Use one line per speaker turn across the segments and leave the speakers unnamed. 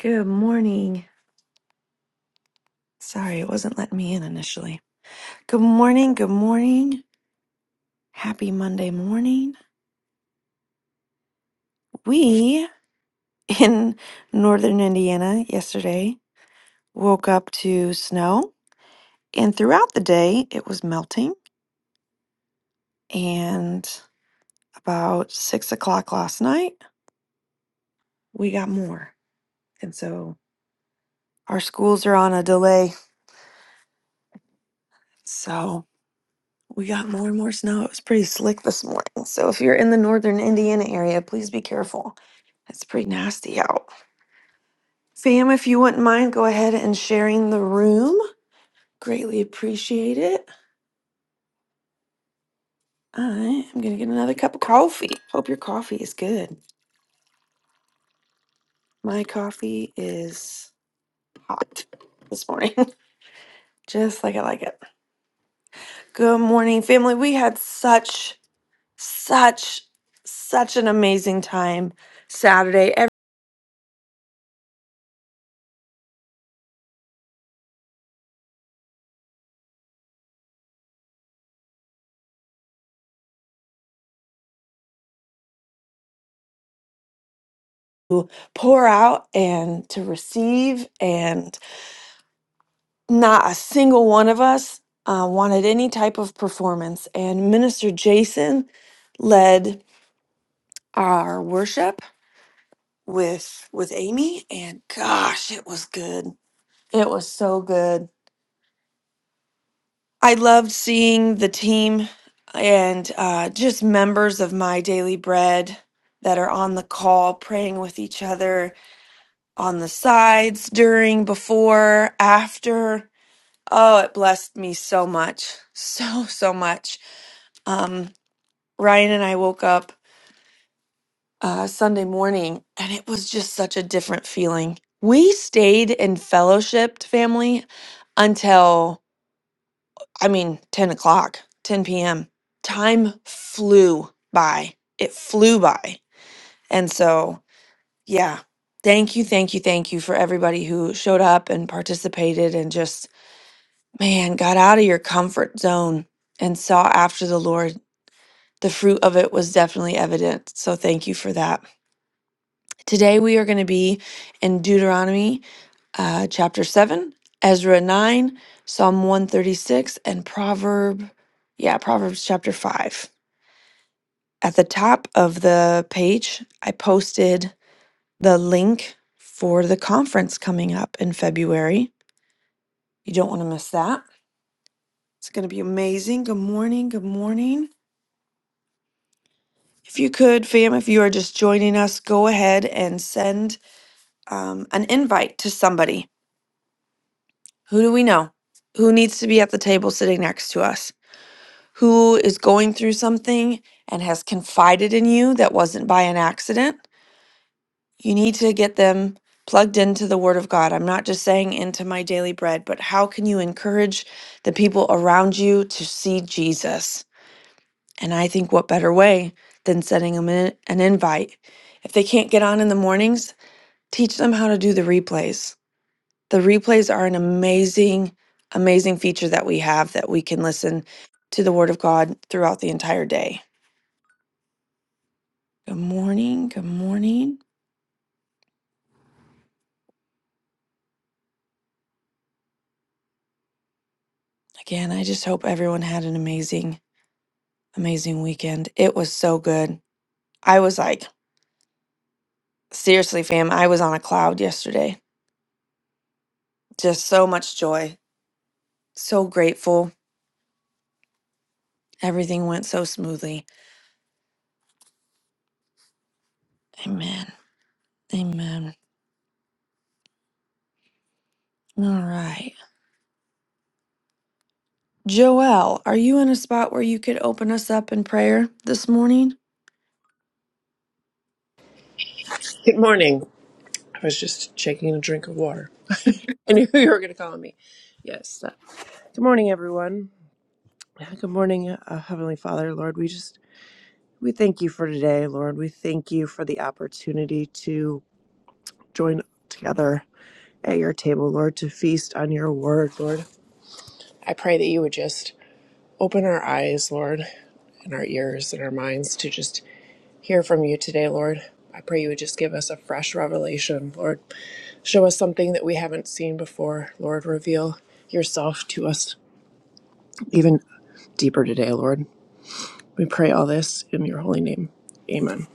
Good morning. Sorry, it wasn't letting me in initially. Good morning. Good morning. Happy Monday morning. We in northern Indiana yesterday woke up to snow, and throughout the day it was melting. And about six o'clock last night, we got more. And so our schools are on a delay. So We got more and more snow. It was pretty slick this morning. So if you're in the northern Indiana area, please be careful. It's pretty nasty out. fam. if you wouldn't mind, go ahead and sharing the room. Greatly appreciate it. I am going to get another cup of coffee. Hope your coffee is good. My coffee is hot this morning, just like I like it. Good morning, family. We had such, such, such an amazing time Saturday. pour out and to receive, and not a single one of us uh, wanted any type of performance. And Minister Jason led our worship with with Amy, and gosh, it was good. It was so good. I loved seeing the team and uh, just members of my daily bread that are on the call praying with each other on the sides during before after Oh, it blessed me so much. So, so much. Um, Ryan and I woke up uh, Sunday morning and it was just such a different feeling. We stayed and fellowshipped family until, I mean, 10 o'clock, 10 p.m. Time flew by. It flew by. And so, yeah, thank you, thank you, thank you for everybody who showed up and participated and just, man, got out of your comfort zone and saw after the Lord the fruit of it was definitely evident. So thank you for that. Today we are going to be in Deuteronomy uh, chapter 7, Ezra 9, Psalm 136, and Proverb, yeah, Proverbs chapter 5. At the top of the page, I posted the link for the conference coming up in February. You don't want to miss that. It's going to be amazing. Good morning. Good morning. If you could, fam, if you are just joining us, go ahead and send um, an invite to somebody. Who do we know? Who needs to be at the table sitting next to us? Who is going through something and has confided in you that wasn't by an accident? You need to get them plugged into the Word of God. I'm not just saying into my daily bread, but how can you encourage the people around you to see Jesus? And I think what better way than sending them an an invite? If they can't get on in the mornings, teach them how to do the replays The replays are an amazing, amazing feature that we have that we can listen to the Word of God throughout the entire day. Good morning. Good morning. Again, I just hope everyone had an amazing, amazing weekend. It was so good. I was like, seriously, fam, I was on a cloud yesterday. Just so much joy. So grateful. Everything went so smoothly. Amen. Amen. All right. Joelle, are you in a spot where you could open us up in prayer this morning?
Good morning. I was just taking a drink of water. I knew you were going to call me. Yes. uh, Good morning, everyone. Good morning, uh, Heavenly Father, Lord. We just we thank you for today, Lord. We thank you for the opportunity to join together at your table, Lord, to feast on your word, Lord. I pray that you would just open our eyes, Lord, and our ears and our minds to just hear from you today, Lord. I pray you would just give us a fresh revelation, Lord. Show us something that we haven't seen before, Lord. Reveal yourself to us even deeper today, Lord. We pray all this in your holy name. Amen.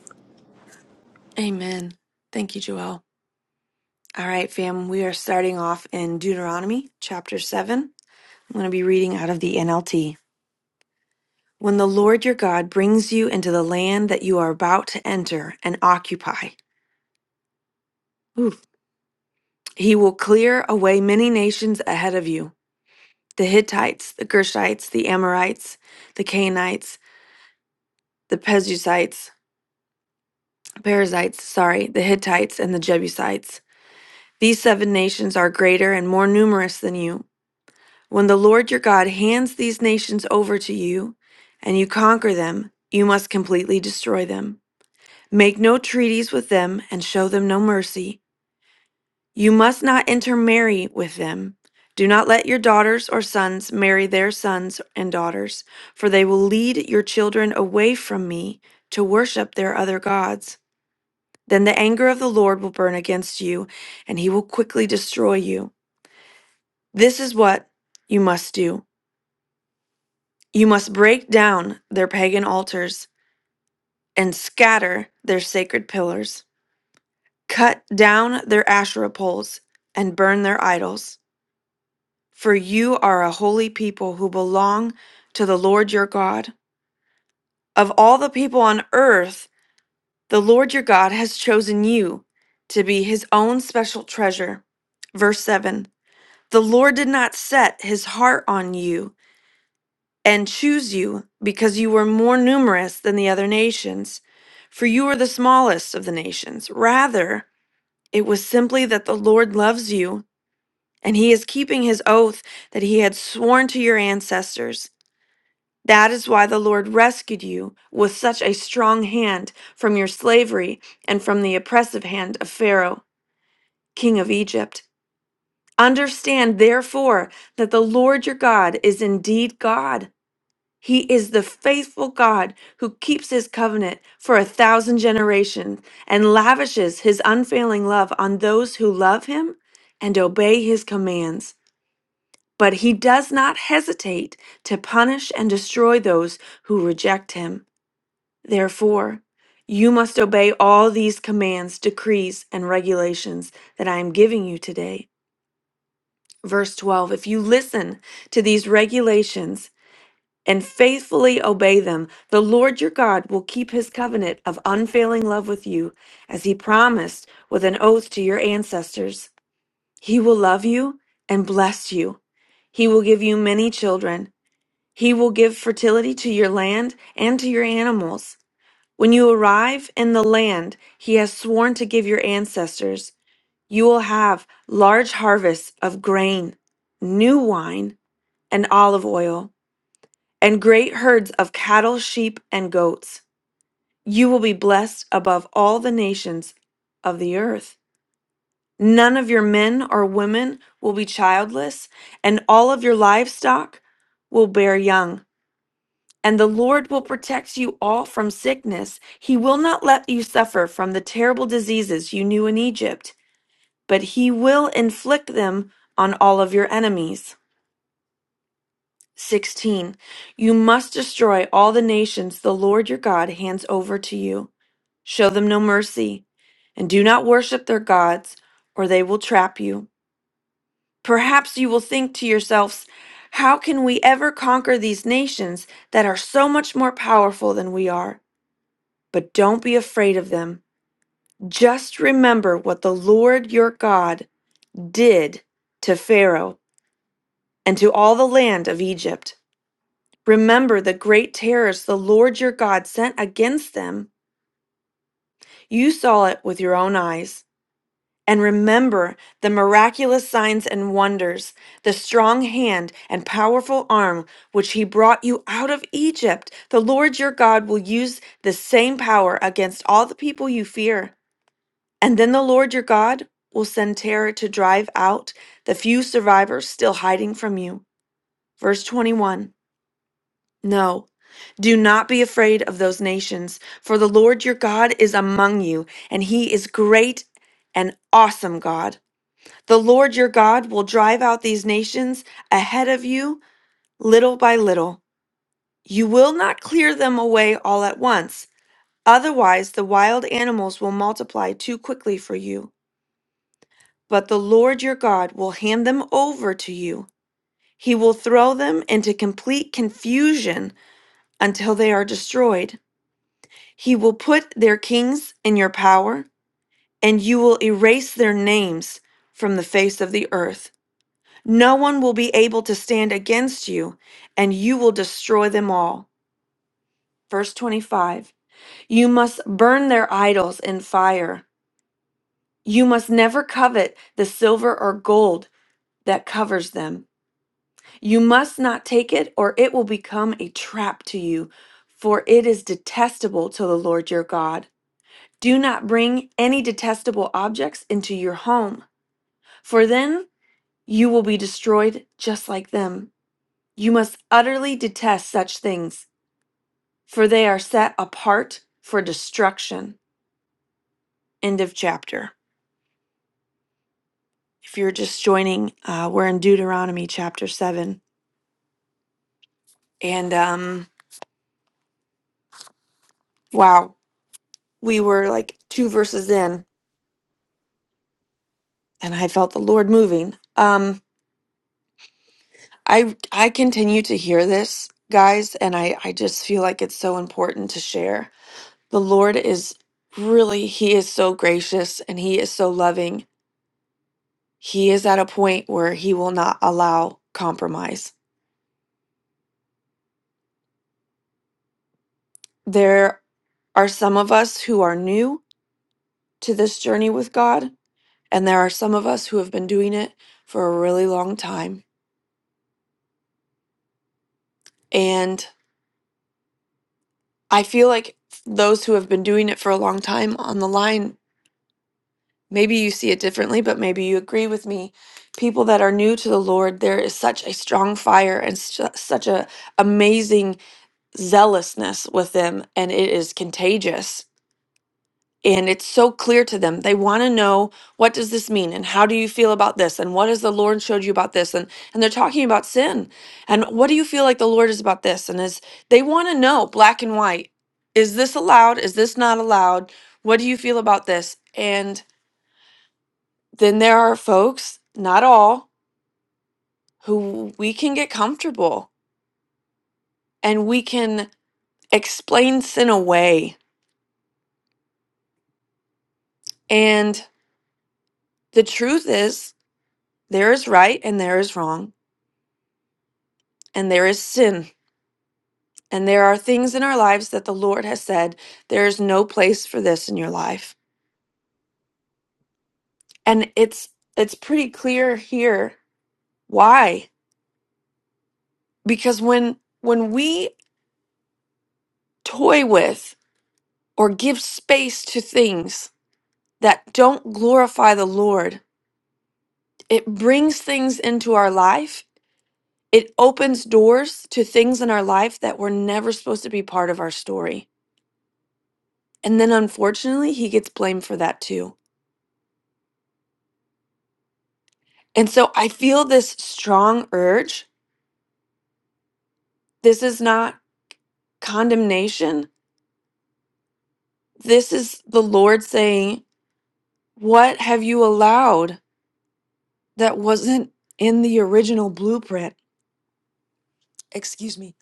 Amen. Thank you, Joelle. All right, fam, we are starting off in Deuteronomy chapter 7. I'm going to be reading out of the NLT. When the Lord your God brings you into the land that you are about to enter and occupy, ooh, he will clear away many nations ahead of you the Hittites, the Gershites, the Amorites, the Canaanites, the Perizzites, Perizzites, sorry, the Hittites, and the Jebusites. These seven nations are greater and more numerous than you, When the Lord your God hands these nations over to you and you conquer them, you must completely destroy them. Make no treaties with them and show them no mercy. You must not intermarry with them. Do not let your daughters or sons marry their sons and daughters, for they will lead your children away from me to worship their other gods. Then the anger of the Lord will burn against you, and he will quickly destroy you. This is what you must do. You must break down their pagan altars and scatter their sacred pillars. Cut down their Asherah poles and burn their idols. For you are a holy people who belong to the Lord your God. Of all the people on earth, the Lord your God has chosen you to be his own special treasure. Verse 7 The Lord did not set his heart on you and choose you because you were more numerous than the other nations, for you were the smallest of the nations. Rather, it was simply that the Lord loves you and he is keeping his oath that he had sworn to your ancestors. That is why the Lord rescued you with such a strong hand from your slavery and from the oppressive hand of Pharaoh, king of Egypt. Understand, therefore, that the Lord your God is indeed God. He is the faithful God who keeps his covenant for a thousand generations and lavishes his unfailing love on those who love him and obey his commands. But he does not hesitate to punish and destroy those who reject him. Therefore, you must obey all these commands, decrees, and regulations that I am giving you today. Verse 12 If you listen to these regulations, and faithfully obey them, the Lord your God will keep his covenant of unfailing love with you, as he promised with an oath to your ancestors. He will love you and bless you. He will give you many children. He will give fertility to your land and to your animals. When you arrive in the land he has sworn to give your ancestors, you will have large harvests of grain, new wine, and olive oil and great herds of cattle, sheep, and goats. You will be blessed above all the nations of the earth. None of your men or women will be childless, and all of your livestock will bear young. And the Lord will protect you all from sickness. He will not let you suffer from the terrible diseases you knew in Egypt, but He will inflict them on all of your enemies. 16. You must destroy all the nations the Lord your God hands over to you. Show them no mercy, and do not worship their gods, or they will trap you. Perhaps you will think to yourselves, How can we ever conquer these nations that are so much more powerful than we are? But don't be afraid of them. Just remember what the Lord your God did to Pharaoh and to all the land of Egypt. Remember the great terrors the Lord your God sent against them. You saw it with your own eyes. And remember the miraculous signs and wonders, the strong hand and powerful arm which he brought you out of Egypt. The Lord your God will use the same power against all the people you fear. And then the Lord your God will send terror to drive out the few survivors still hiding from you. Verse 21. No, do not be afraid of those nations, for the Lord your God is among you, and he is great and awesome God. The Lord your God will drive out these nations ahead of you little by little. You will not clear them away all at once. Otherwise, the wild animals will multiply too quickly for you. But the Lord your God will hand them over to you. He will throw them into complete confusion until they are destroyed. He will put their kings in your power, and you will erase their names from the face of the earth. No one will be able to stand against you, and you will destroy them all. Verse 25 You must burn their idols in fire. You must never covet the silver or gold that covers them. You must not take it, or it will become a trap to you, for it is detestable to the Lord your God. Do not bring any detestable objects into your home, for then you will be destroyed just like them. You must utterly detest such things, for they are set apart for destruction. End of chapter. If you're just joining, uh, we're in Deuteronomy chapter 7. And um, wow, we were like two verses in, and I felt the Lord moving. Um, I I continue to hear this, guys, and I, I just feel like it's so important to share The Lord is really, He is so gracious and He is so loving. He is at a point where He will not allow compromise. There are some of us who are new to this journey with God, and there are some of us who have been doing it for a really long time. And I feel like those who have been doing it for a long time on the line, maybe you see it differently, but maybe you agree with me. People that are new to the Lord, there is such a strong fire and su- such a amazing zealousness with them and it is contagious and it's so clear to them they want to know what does this mean and how do you feel about this and what has the lord showed you about this and and they're talking about sin and what do you feel like the lord is about this and is they want to know black and white is this allowed is this not allowed what do you feel about this and then there are folks not all who we can get comfortable and we can explain sin away and the truth is There is right and there is wrong, and there is sin. And there are things in our lives that the Lord has said, there is no place for this in your life. And it's it's pretty clear here why? Because when when we toy with or give space to things that don't glorify the Lord, it brings things into our life. It opens doors to things in our life that were never supposed to be part of our story. And then unfortunately, he gets blamed for that too And so I feel this strong urge. This is not condemnation. This is the Lord saying, What have you allowed that wasn't in the original blueprint? Excuse me.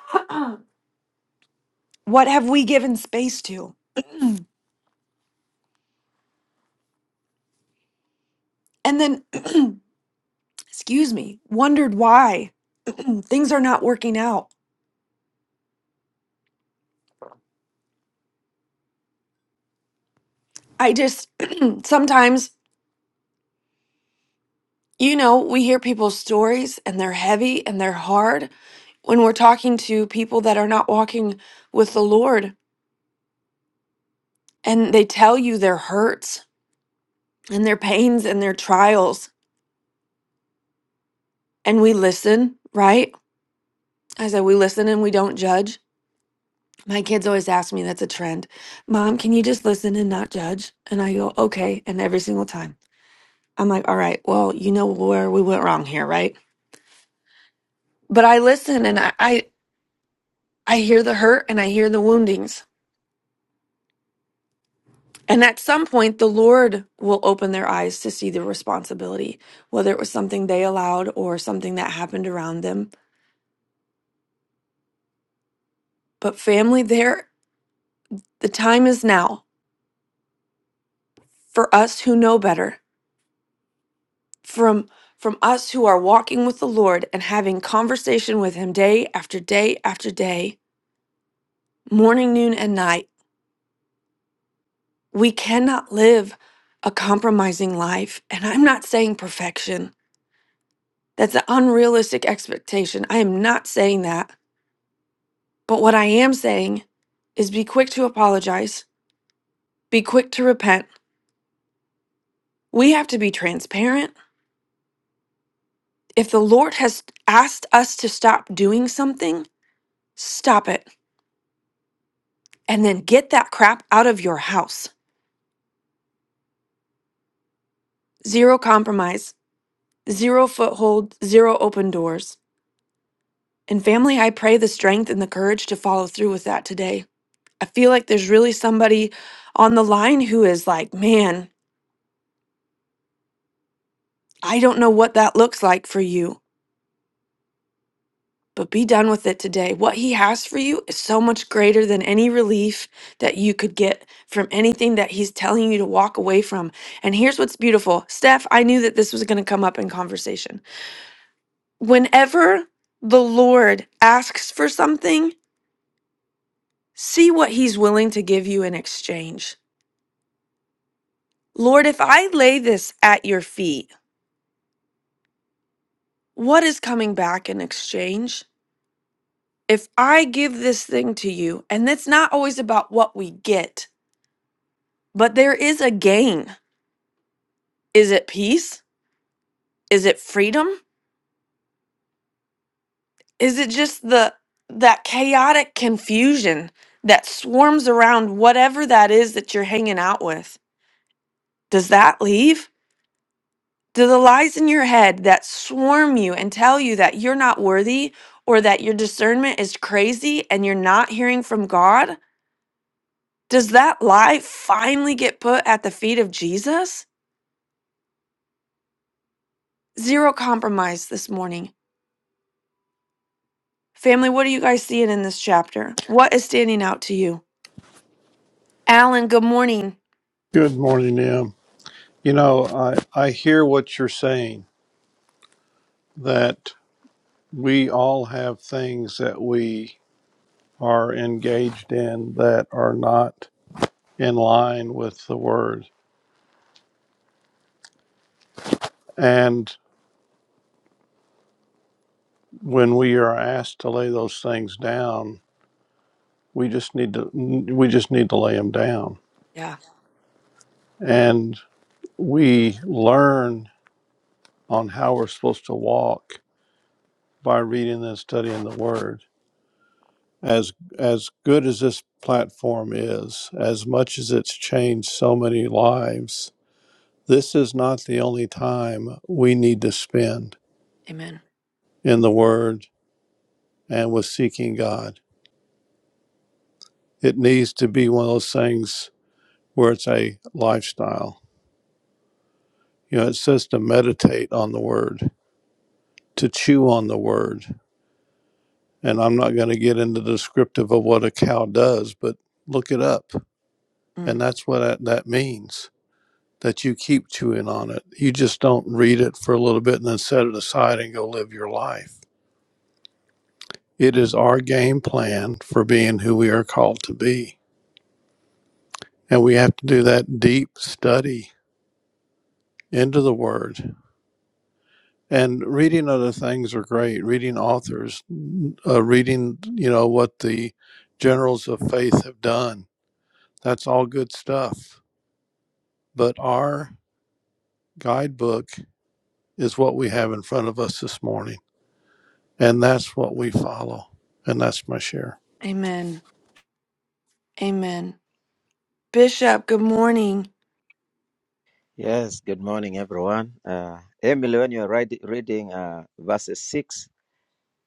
what have we given space to? and then, excuse me, wondered why things are not working out. I just sometimes. You know, we hear people's stories and they're heavy and they're hard when we're talking to people that are not walking with the Lord and they tell you their hurts and their pains and their trials. And we listen, right? I said, we listen and we don't judge. My kids always ask me, that's a trend. Mom, can you just listen and not judge? And I go, okay. And every single time I'm like, all right, well, you know where we went wrong here, right? But I listen and I, I, I hear the hurt and I hear the woundings. And at some point, the Lord will open their eyes to see the responsibility, whether it was something they allowed or something that happened around them. But family, there, the time is now for us who know better, from from us who are walking with the Lord and having conversation with Him day after day after day, morning, noon, and night. We cannot live a compromising life. And I'm not saying perfection. That's an unrealistic expectation. I am not saying that. But what I am saying is be quick to apologize, be quick to repent. We have to be transparent. If the Lord has asked us to stop doing something, stop it and then get that crap out of your house. Zero compromise, zero foothold, zero open doors. And family, I pray the strength and the courage to follow through with that today. I feel like there's really somebody on the line who is like, man, I don't know what that looks like for you. but be done with it today. What He has for you is so much greater than any relief that you could get from anything that He's telling you to walk away from. And here's what's beautiful Steph, I knew that this was going to come up in conversation. Whenever the Lord asks for something, see what He's willing to give you in exchange. Lord, if I lay this at your feet, what is coming back in exchange? If I give this thing to you, and it's not always about what we get, But there is a gain. Is it peace? Is it freedom? Is it just the that chaotic confusion that swarms around whatever that is that you're hanging out with? Does that leave? Do the lies in your head that swarm you and tell you that you're not worthy or that your discernment is crazy and you're not hearing from God? Does that lie finally get put at the feet of Jesus? Zero compromise this morning Family, what are you guys seeing in this chapter? What is standing out to you? Alan, good morning.
Good morning, Em. You know, I, I hear what you're saying that we all have things that we are engaged in that are not in line with the word. And when we are asked to lay those things down, we just need to we just need to lay them down.
Yeah,
And we learn on how we're supposed to walk by reading and studying the word. as as good as this platform is, as much as it's changed so many lives, this is not the only time we need to spend
amen.
in the Word and with seeking God. It needs to be one of those things where it's a lifestyle. You know, it says to meditate on the Word, to chew on the Word. And I'm not going to get into the descriptive of what a cow does, but look it up. And
Mm,
that's what that, that means that you keep chewing on it. You just don't read it for a little bit and then set it aside and go live your life. It is our game plan for being who we are called to be. And we have to do that deep study into the word. And reading other things are great. Reading authors, uh, reading, you know, what the generals of faith have done. That's all good stuff. But our guidebook is what we have in front of us this morning. And that's what we follow. And that's my share.
Amen. Amen. Bishop, good morning.
Yes, good morning, everyone. Uh, Emily, when you're read, reading uh, verses 6,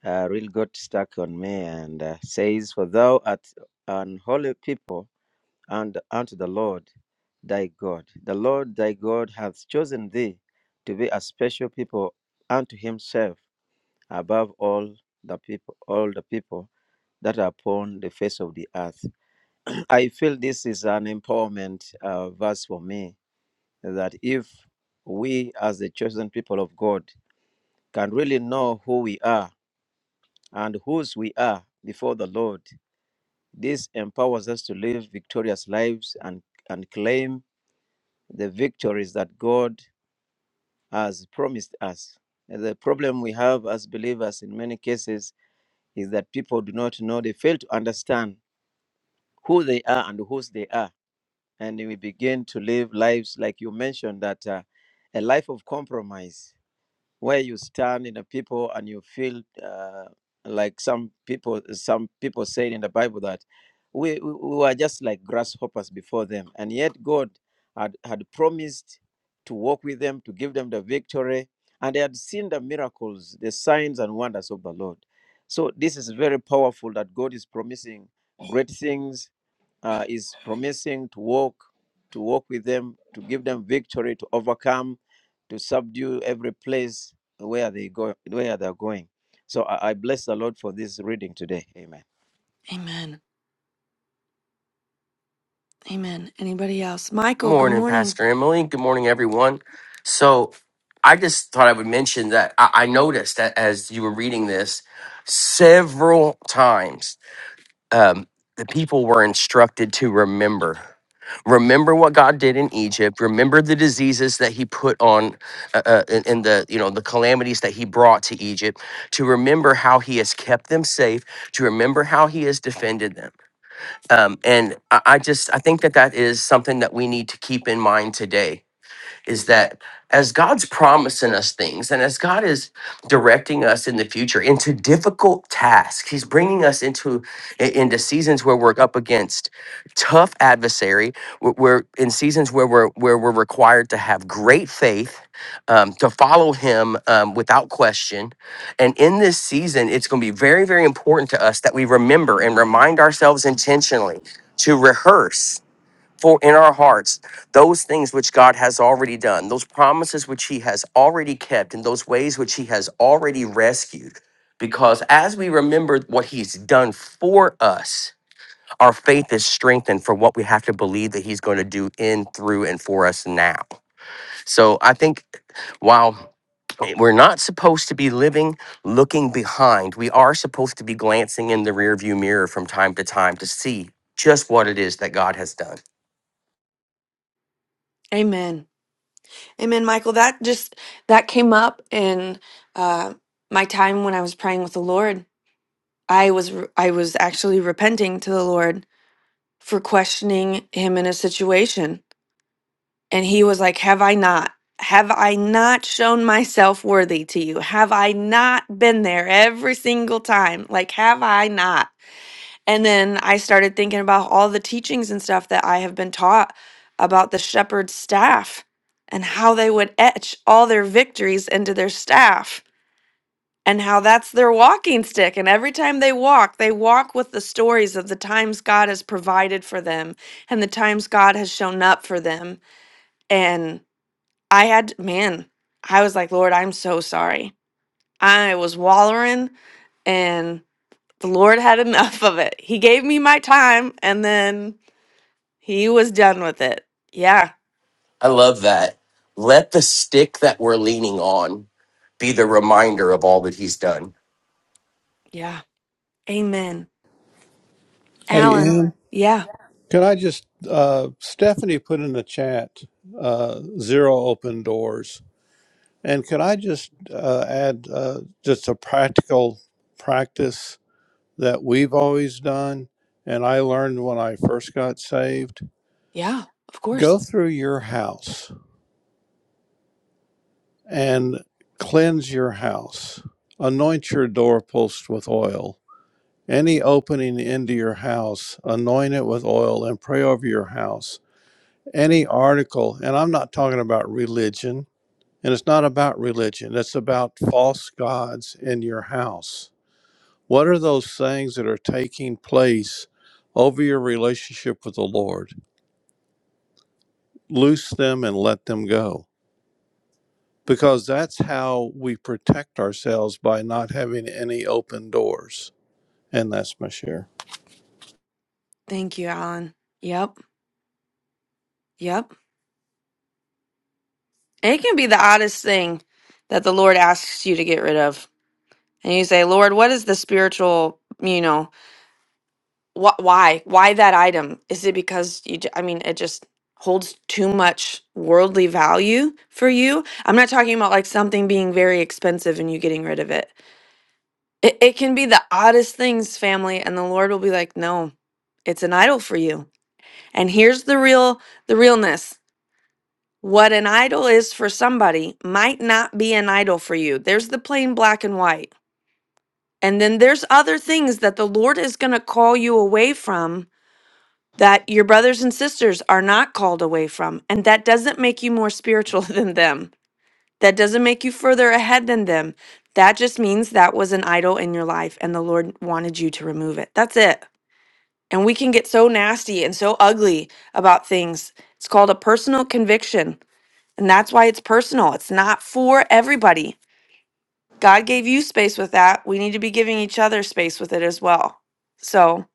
uh, really got stuck on me and uh, says, For thou art an holy people and unto the Lord thy God. The Lord thy God hath chosen thee to be a special people unto himself above all the people, all the people that are upon the face of the earth. I feel this is an empowerment uh, verse for me that if we, as the chosen people of God, can really know who we are and whose we are before the Lord, this empowers us to live victorious lives and, and claim the victories that God has promised us. And The problem we have as believers in many cases is that people do not know, they fail to understand who they are and whose they are. And we begin to live lives like you mentioned that uh, a life of compromise where you stand in the people and you feel uh, like some people some people say in the bible that we, we were just like grasshoppers before them and yet god had, had promised to walk with them to give them the victory and they had seen the miracles the signs and wonders of the lord so this is very powerful that god is promising great things uh, is promising to walk to walk with them to give them victory to overcome to subdue every place where they go where they're going. So I, I bless the Lord for this reading today. Amen.
Amen. Amen. Anybody else? Michael, good
Morning,
morning.
Pastor Emily. Good morning, everyone. So, I just thought I would mention that I, I noticed that as you were reading this, several times um, the people were instructed to remember. Remember what God did in Egypt. Remember the diseases that He put on, uh, uh, and and the you know the calamities that He brought to Egypt. To remember how He has kept them safe. To remember how He has defended them. Um, and I, I just I think that that is something that we need to keep in mind today is that as God's promising us things and as God is directing us in the future into difficult tasks, He's bringing us into i- into seasons where we're up against tough adversary. We're, we're in seasons where we're where we're required to have great faith um, to follow Him um, without question. And in this season, it's going to be very very important to us that we remember and remind ourselves intentionally to rehearse for in our hearts those things which God has already done, those promises which He has already kept, and those ways which He has already rescued. Because as we remember what He's done for us, our faith is strengthened for what we have to believe that He's going to do in, through, and for us now. So I think while eh, we're not supposed to be living looking behind, we are supposed to be glancing in the rearview mirror from time to time to see just what it is that God has done.
Amen. Amen, Michael. That just that came up in uh my time when I was praying with the Lord. I was I was actually repenting to the Lord for questioning him in a situation And he was like, Have I not? Have I not shown myself worthy to you? Have I not been there every single time? Like, have I not? And then I started thinking about all the teachings and stuff that I have been taught about the shepherd's staff and how they would etch all their victories into their staff and how that's their walking stick. And every time they walk, they walk with the stories of the times God has provided for them and the times God has shown up for them. And I had, man, I was like, Lord, I'm so sorry. I was wallowing and the Lord had enough of it. He gave me my time and then he was done with it. Yeah.
I love that. Let the stick that we're leaning on be the reminder of all that he's done.
Yeah. Amen.
Hey,
Alan.
Em,
Yeah.
could I just, uh, Stephanie put in the chat, uh, zero open doors. And could I just uh, add uh, just a practical practice that we've always done? And I learned when I first got saved
Yeah. Of course.
go through your house and cleanse your house, anoint your doorpost with oil. Any opening into your house, anoint it with oil and pray over your house any article, and I'm not talking about religion, and it's not about religion, it's about false gods in your house. What are those things that are taking place over your relationship with the Lord? Loose them and let them go. Because that's how we protect ourselves by not having any open doors. And that's my share.
Thank you, Alan. Yep. Yep. It can be the oddest thing that the Lord asks you to get rid of. And you say, Lord, what is the spiritual, you know? Wh- why? Why that item? Is it because you? ju- I mean, it just holds too much worldly value for you. I'm not talking about like something being very expensive and you getting rid of it. It, it can be the oddest things, family, and the Lord will be like, no, it's an idol for you. And here's the real, the realness. What an idol is for somebody might not be an idol for you. There's the plain black and white. And then there's other things that the Lord is going to call you away from that your brothers and sisters are not called away from. And that doesn't make you more spiritual than them. That doesn't make you further ahead than them. That just means that was an idol in your life and the Lord wanted you to remove it. That's it. And we can get so nasty and so ugly about things. It's called a personal conviction. And that's why it's personal, it's not for everybody. God gave you space with that. We need to be giving each other space with it as well. So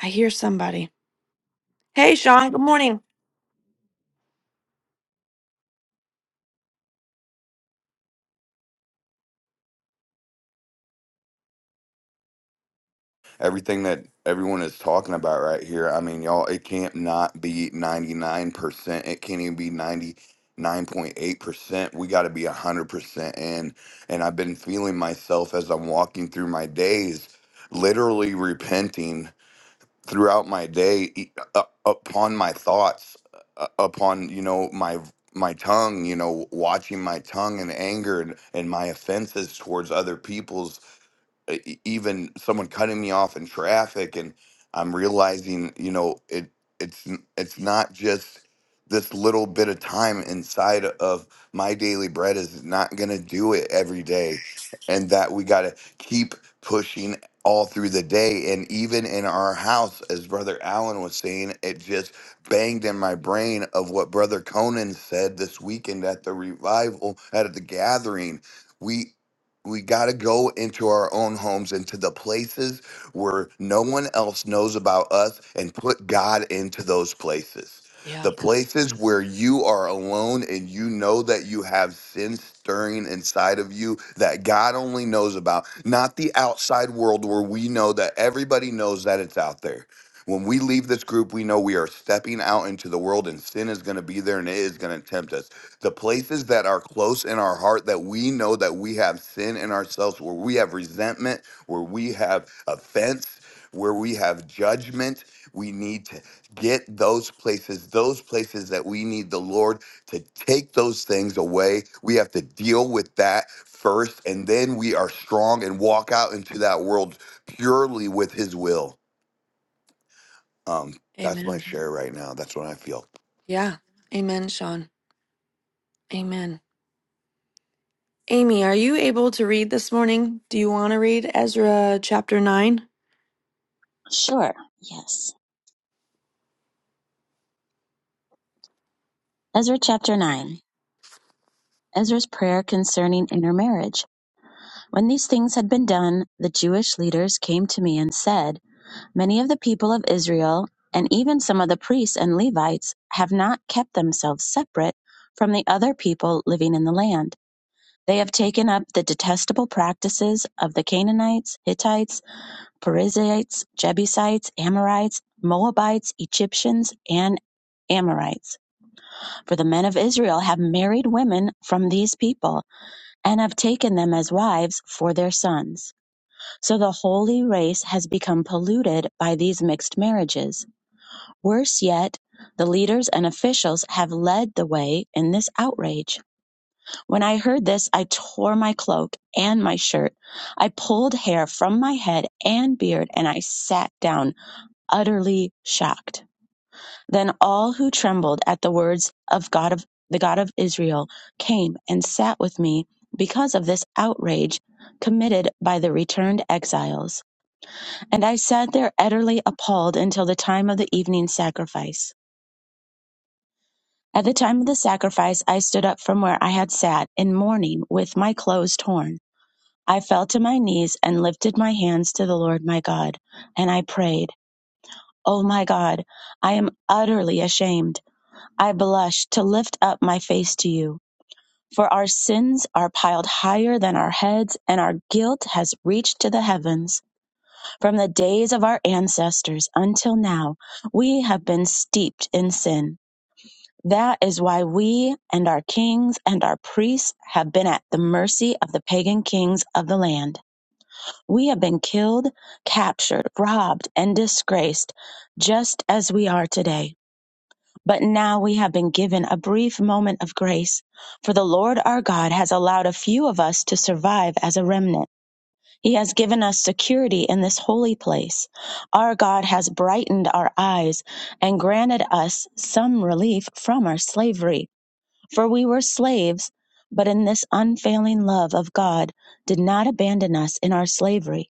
I hear somebody. Hey, Sean, good morning.
everything that everyone is talking about right here. I mean, y'all, it can't not be 99%. It can't even be 99.8%. We got to be 100%. And, and I've been feeling myself as I'm walking through my days, literally repenting throughout my day e- u- upon my thoughts, u- upon, you know, my my tongue you know watching my tongue and anger and, and my offenses towards other people's e- e- even someone cutting me off in traffic and i'm realizing you know it it's n- it's not just this little bit of time inside of my daily bread is not going to do it every day and that we got to keep pushing all through the day and even in our house as brother allen was saying it just banged in my brain of what brother conan said this weekend at the revival at the gathering we got to go into our own homes into the places where no one else knows about us and put god into those places
Yeah.
the places where you are alone and you know that you have sin stirring inside of you that God only knows about, not the outside world where we know that everybody knows that it's out there. When we leave this group, we know we are stepping out into the world and sin is going to be there and it is going to tempt us the places that are close in our heart that we know that we have sin in ourselves, where we have resentment, where we have offense, where we have judgment. We need to get those places, those places that we need the Lord to take those things away. We have to deal with that first, and then we are strong and walk out into that world purely with His will. Um, that's my
Amen.
share right now. That's what I feel.
Yeah. Amen, Sean. Amen. Amy, are you able to read this morning? Do you want to read Ezra chapter 9?
Sure, yes. Ezra chapter 9. Ezra's prayer concerning intermarriage. When these things had been done, the Jewish leaders came to me and said, Many of the people of Israel, and even some of the priests and Levites, have not kept themselves separate from the other people living in the land. They have taken up the detestable practices of the Canaanites, Hittites, Perizzites, Jebusites, Amorites, Moabites, Egyptians, and Amorites. For the men of Israel have married women from these people, and have taken them as wives for their sons. So the holy race has become polluted by these mixed marriages. Worse yet, the leaders and officials have led the way in this outrage. When I heard this, I tore my cloak and my shirt. I pulled hair from my head and beard, and I sat down, utterly shocked. Then all who trembled at the words of God of the God of Israel came and sat with me because of this outrage committed by the returned exiles. And I sat there utterly appalled until the time of the evening sacrifice. At the time of the sacrifice, I stood up from where I had sat in mourning with my clothes torn. I fell to my knees and lifted my hands to the Lord my God, and I prayed, O my God, I am utterly ashamed. I blush to lift up my face to you, for our sins are piled higher than our heads, and our guilt has reached to the heavens. From the days of our ancestors until now, we have been steeped in sin. That is why we and our kings and our priests have been at the mercy of the pagan kings of the land. We have been killed, captured, robbed, and disgraced, just as we are today. But now we have been given a brief moment of grace, for the Lord our God has allowed a few of us to survive as a remnant. He has given us security in this holy place. Our God has brightened our eyes and granted us some relief from our slavery, for we were slaves, but in this unfailing love of God did not abandon us in our slavery.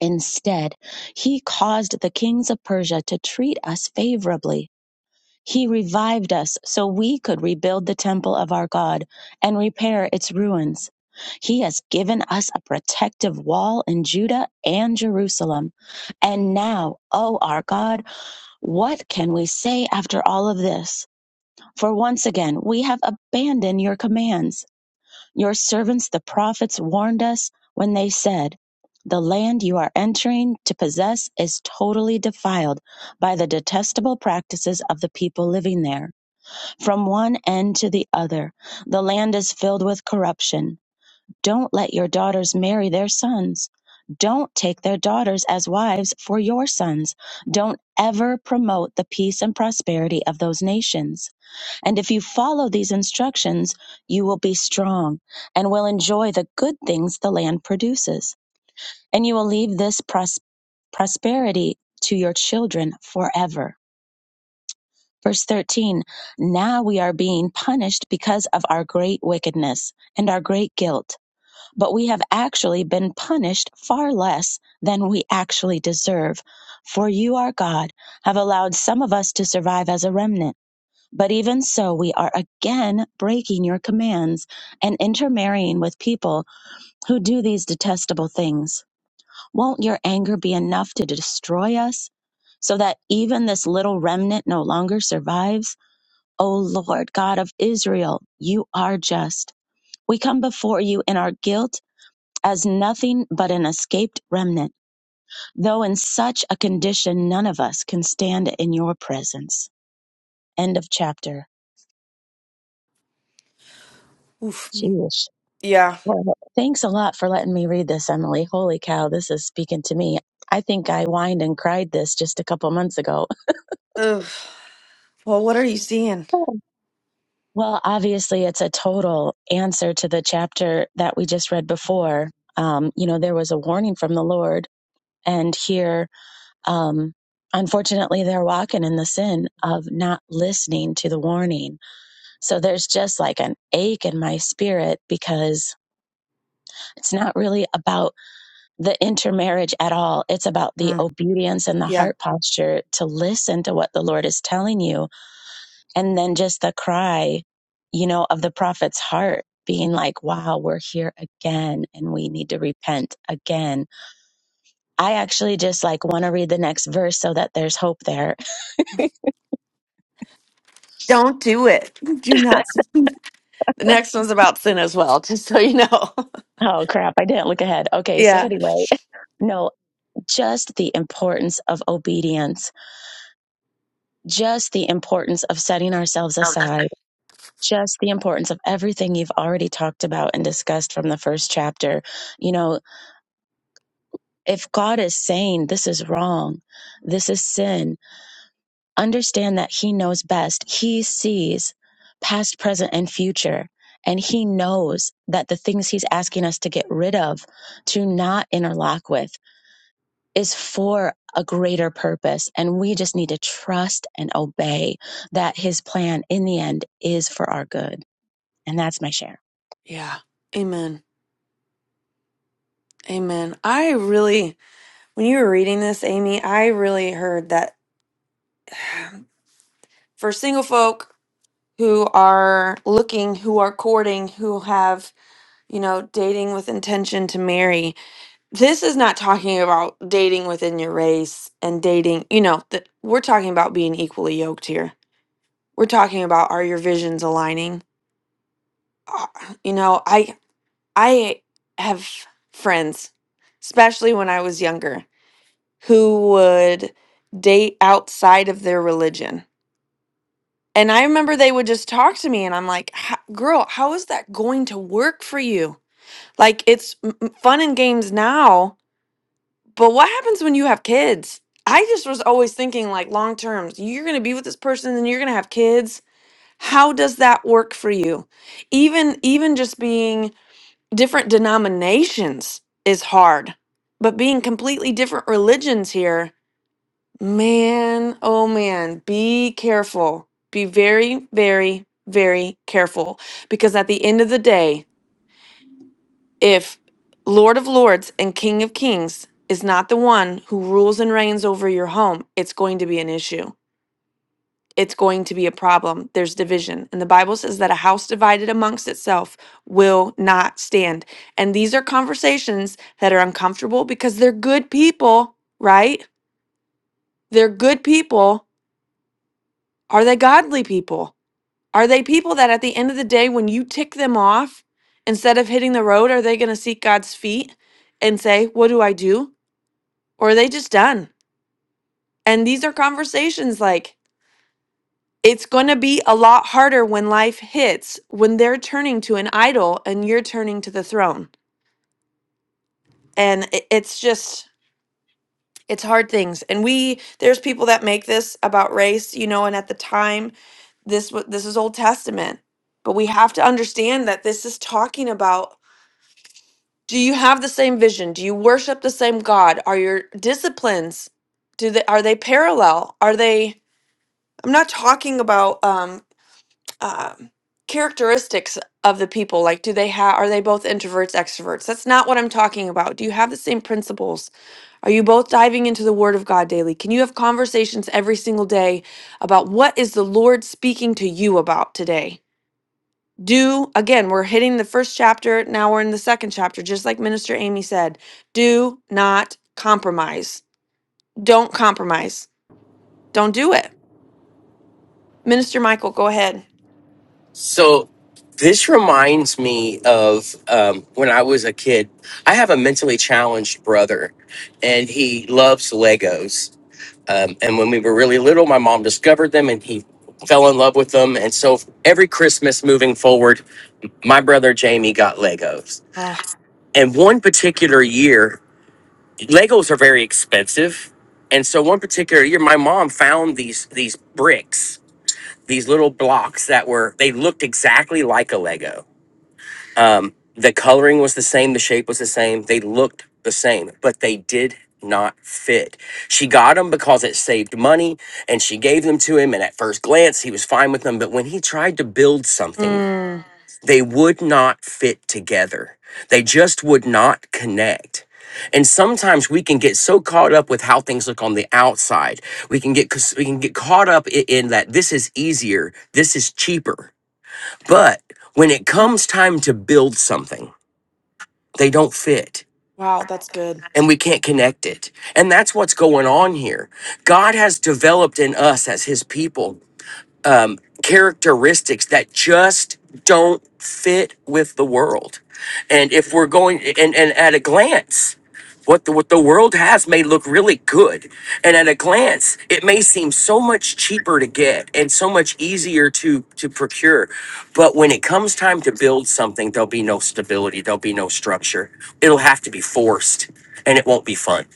Instead, he caused the kings of Persia to treat us favorably he revived us so we could rebuild the temple of our God and repair its ruins. He has given us a protective wall in Judah and Jerusalem. And now, O our God, what can we say after all of this? For once again, we have abandoned your commands. Your servants, the prophets, warned us when they said, The land you are entering to possess is totally defiled by the detestable practices of the people living there. From one end to the other, the land is filled with corruption. Don't let your daughters marry their sons. Don't take their daughters as wives for your sons. Don't ever promote the peace and prosperity of those nations. And if you follow these instructions, you will be strong and will enjoy the good things the land produces. And you will leave this pros- prosperity to your children forever. Verse 13, now we are being punished because of our great wickedness and our great guilt, but we have actually been punished far less than we actually deserve. For you, our God, have allowed some of us to survive as a remnant. But even so, we are again breaking your commands and intermarrying with people who do these detestable things. Won't your anger be enough to destroy us so that even this little remnant no longer survives? O Lord God of Israel, you are just. We come before you in our guilt as nothing but an escaped remnant, though in such a condition none of us can stand in your presence. End of chapter.
Oof.
Jeez.
Yeah.
Well, thanks a lot for letting me read this, Emily. Holy cow, this is speaking to me. I think I whined and cried this just a couple months ago.
Ugh. Well, what are you seeing?
Well, obviously, it's a total answer to the chapter that we just read before. Um, you know, there was a warning from the Lord and here um unfortunately they're walking in the sin of not listening to the warning so there's just like an ache in my spirit because it's not really about the intermarriage at all it's about the
Mm.
obedience and the
Yeah.
heart posture to listen to what the lord is telling you and then just the cry you know of the prophet's heart being like wow we're here again and we need to repent again I actually just like want to read the next verse so that there's hope there
Don't do it. Do not. s- The next one's about sin as well, just so you know.
Oh crap, I didn't look ahead. Okay, so
Yeah.
anyway, no, just the importance of obedience, just the importance of setting ourselves
Oh, that's.
aside, just the importance of everything you've already talked about and discussed from the first chapter. You know, if God is saying this is wrong, this is sin, understand that He knows best. He sees past, present, and future. And he knows that the things he's asking us to get rid of, to not interlock with is for a greater purpose. And we just need to trust and obey that his plan in the end is for our good. And that's my share.
Yeah. Amen. Amen. I really, when you were reading this, Amy, I really heard that for single folk who are looking, who are courting, who have you know, dating with intention to marry. This is not talking about dating within your race and dating, you know, that we're talking about being equally yoked here. We're talking about are your visions aligning? Uh, You know, I I have friends, especially when I was younger, who would date outside of their religion. And I remember they would just talk to me and I'm like, "H- "Girl, how is that going to work for you?" Like it's m- m- fun and games now, But what happens when you have kids? I just was always thinking like long terms, you're going to be with this person and you're going to have kids. How does that work for you? Even even just being different denominations is hard. But being completely different religions here, man, oh man, be careful. Be very very very careful because at the end of the day, if Lord of Lords and King of Kings is not the one who rules and reigns over your home, it's going to be an issue. It's going to be a problem. There's division. And the Bible says that a house divided amongst itself will not stand. And these are conversations that are uncomfortable because they're good people, right? They're good people. Are they godly people? Are they people that at the end of the day, when you tick them off, instead of hitting the road, are they going to seek God's feet and say, What do I do? or are they just done? And these are conversations like it's going to be a lot harder when life hits when they're turning to an idol and you're turning to the throne. And i- it's just it's hard things. And we there's people that make this about race, you know, and at the time this wa- this is Old Testament. But we have to understand that this is talking about do you have the same vision? Do you worship the same God? Are your disciplines do they are they parallel? Are they I'm not talking about um um, characteristics of the people like do they have are they both introverts extroverts that's not what i'm talking about do you have the same principles are you both diving into the word of god daily can you have conversations every single day about what is the lord speaking to you about today do again we're hitting the first chapter now we're in the second chapter just like minister amy said do not compromise don't compromise don't do it minister michael go ahead
So this reminds me of um, when I was a kid. I have a mentally challenged brother, and he loves Legos. Um, and when we were really little, my mom discovered them, and he fell in love with them. And so every Christmas moving forward, my brother Jamie got Legos.
oh
And one particular year, Legos are very expensive. And so one particular year, my mom found these these bricks, these little blocks that were they looked exactly like a Lego Um, the coloring was the same, the shape was the same, they looked the same, but they did not fit. She got them because it saved money and she gave them to him. And at first glance, he was fine with them. But when he tried to build something,
mm,
they would not fit together, they just would not connect. And sometimes we can get so caught up with how things look on the outside. We can get we can get caught up i- in that this is easier, this is cheaper. But when it comes time to build something, they don't fit
wow that's good
and we can't connect it. And that's what's going on here. God has developed in us as his people um, characteristics that just don't fit with the world. And if we're going and, and at a glance, what the, what the world has may look really good. And at a glance, it may seem so much cheaper to get and so much easier to, to procure. But when it comes time to build something, there'll be no stability, there'll be no structure. It'll have to be forced and it won't be fun.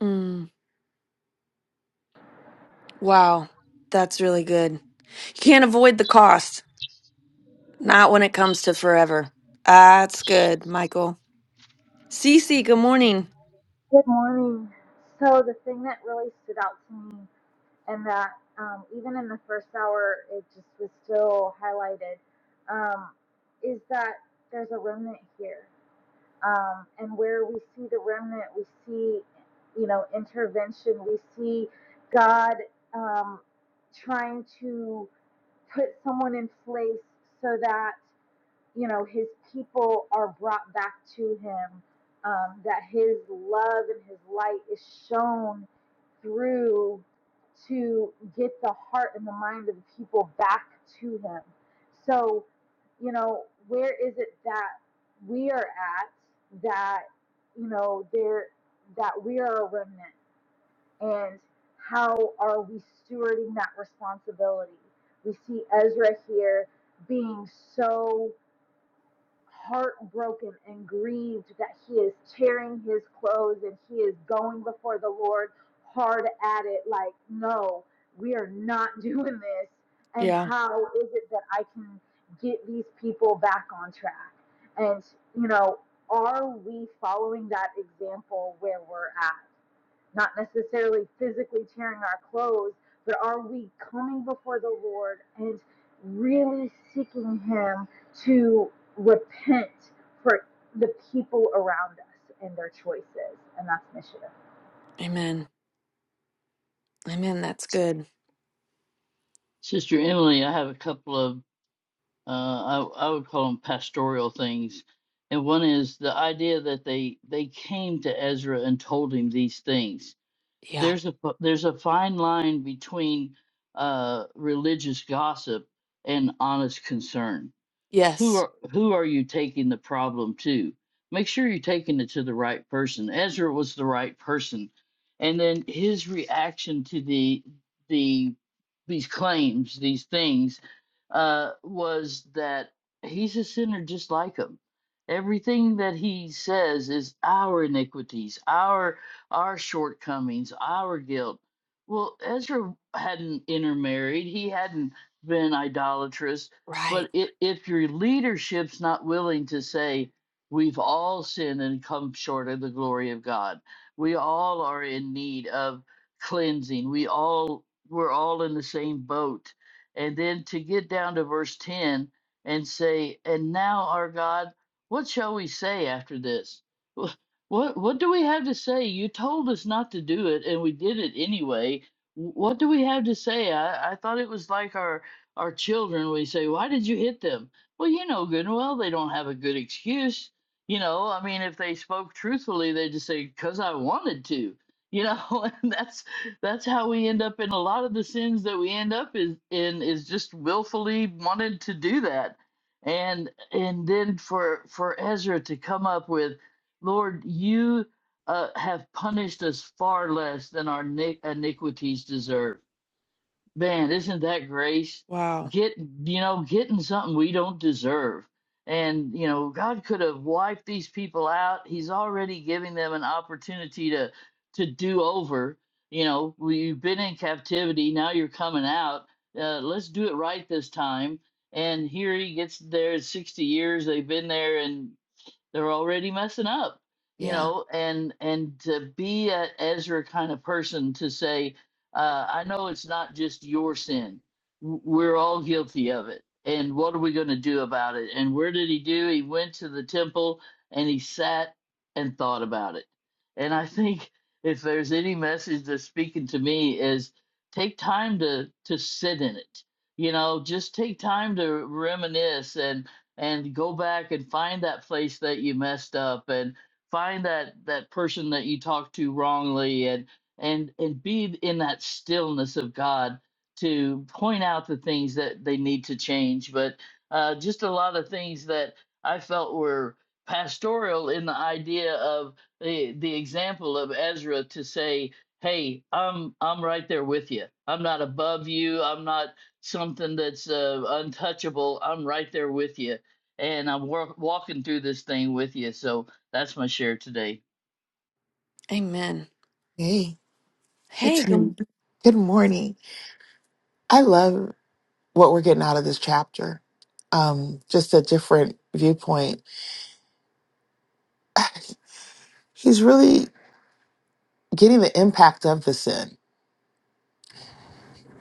Mm. Wow, that's really good. You can't avoid the cost, not when it comes to forever. That's good, Michael. Cece, good morning.
Good morning. So the thing that really stood out to me, and that um, even in the first hour, it just was still highlighted, um, is that there's a remnant here, um, and where we see the remnant, we see, you know, intervention. We see God um, trying to put someone in place so that you know, his people are brought back to him, um, that his love and his light is shown through to get the heart and the mind of the people back to him. So, you know, where is it that we are at that, you know, there that we are a remnant and how are we stewarding that responsibility? We see Ezra here being so heartbroken and grieved that he is tearing his clothes and he is going before the Lord hard at it, like, no, we are not doing this. And
Yeah,
how is it that I can get these people back on track? And, you know, are we following that example where we're at? not necessarily physically tearing our clothes, but are we coming before the Lord and really seeking Him to repent for the people around us and their choices? And that's missionary.
amen. Amen. That's good.
Sister Emily, I have a couple of, uh, I, I would call them pastoral things. And one is the idea that they they came to Ezra and told him these things.
Yeah.
There's a fi- there's a fine line between uh, religious gossip and honest concern who
Yes.
are who are you taking the problem to make sure you're taking it to the right person ezra was the right person and then his reaction to the the these claims these things uh was that he's a sinner just like him everything that he says is our iniquities our our shortcomings our guilt well ezra hadn't intermarried he hadn't been idolatrous
Right.
but i- if your leadership's not willing to say, we've all sinned and come short of the glory of God, we all are in need of cleansing, we all, we're all in the same boat. And then to get down to verse 10 and say, and now, our God, what shall we say after this? Wh- What, what do we have to say? You told us not to do it, and we did it anyway. Wh- What do we have to say? I, I thought it was like our our children, we say, why did you hit them? Well, you know good and well they don't have a good excuse. You know, I mean, if they spoke truthfully, they just say, because I wanted to. You know, and that's that's how we end up in a lot of the sins that we end up is, in is just willfully wanted to do that. And and then for for Ezra to come up with, Lord, you uh, have punished us far less than our ni- iniquities deserve. Man, isn't that grace?
Wow.
Get, you know, getting something we don't deserve. And, you know, God could have wiped these people out. He's already giving them an opportunity to to do over. You know, we- you've been in captivity, now you're coming out. Uh, let's do it right this time. And here he gets there 60 years. They've been there and. They're already messing up, you
Yeah.
know, and and to be a Ezra kind of person to say, uh, I know it's not just your sin. W- We're all guilty of it. And what are we going to do about it? And where did he do? He went to the temple and he sat and thought about it. And I think if there's any message that's speaking to me is take time to to sit in it. You know, just take time to reminisce and and go back and find that place that you messed up and find that that person that you talked to wrongly and and and be in that stillness of God to point out the things that they need to change but uh, just a lot of things that I felt were pastoral in the idea of the the example of Ezra to say hey I'm I'm right there with you I'm not above you I'm not something that's uh, untouchable. I'm right there with you and I'm work, walking through this thing with you. So that's my share today.
Amen.
Hey,
Hey,
it's
good.
me. Good morning. I love what we're getting out of this chapter. Um, just a different viewpoint. He's really getting the impact of the sin.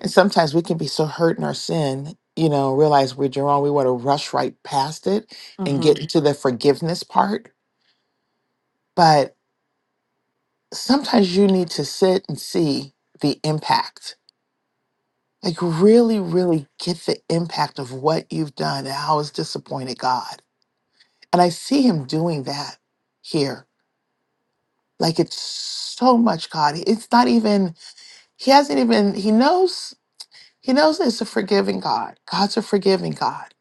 And sometimes we can be so hurt in our sin, you know, realize we're wrong. We want to rush right past it
Mm
and
hmm.
get to the forgiveness part. But sometimes you need to sit and see the impact. Like, really, really get the impact of what you've done and how it's disappointed God And I see him doing that here. Like it's so much God. It's not even, he hasn't even, he knows, he knows it's a forgiving God. God's a forgiving God.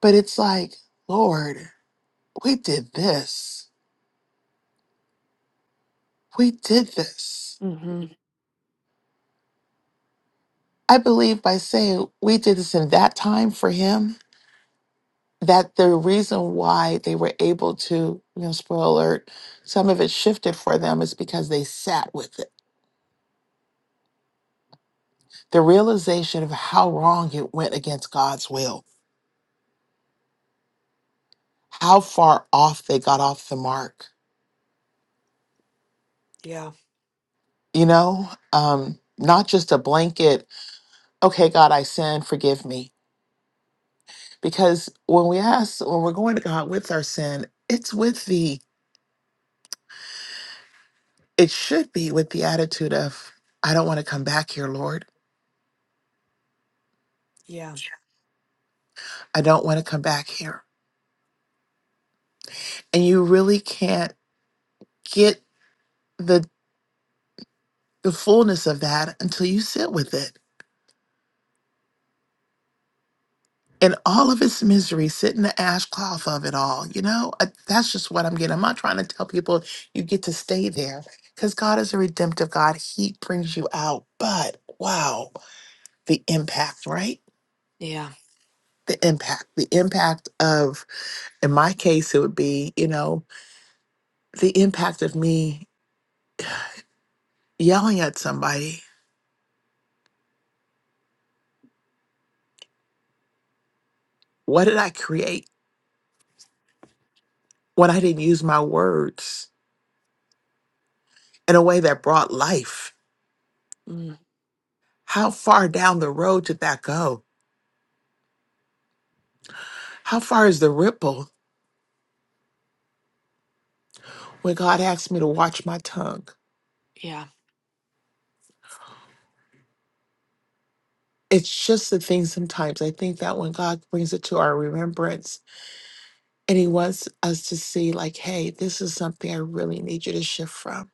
But it's like, Lord, we did this. We did this.
Mm hmm.
I believe by saying we did this in that time for him, that the reason why they were able to, you know, spoiler alert, some of it shifted for them is because they sat with it the realization of how wrong it went against God's will, how far off they got off the mark,
Yeah.
you know, um, not just a blanket, okay, God, I sin, forgive me. Because when we ask, when we're going to God with our sin, it's with the, it should be with the attitude of, I don't want to come back here, Lord.
Yeah.
I don't want to come back here. And you really can't get the, the fullness of that until you sit with it in all of its misery, sit in the ash cloth of it all. You know, I, that's just what I'm getting. I'm not trying to tell people you get to stay there because God is a redemptive God. He brings you out. But wow, the impact, right?
Yeah.
The impact, the impact of, in my case, it would be, you know, the impact of me yelling at somebody. What did I create when I didn't use my words in a way that brought life?
Mm,
How far down the road did that go? How far is the ripple? when God asks me to watch my tongue.
yeah.
It's just the thing sometimes I think that when God brings it to our remembrance and He wants us to see, like, hey, this is something I really need you to shift from.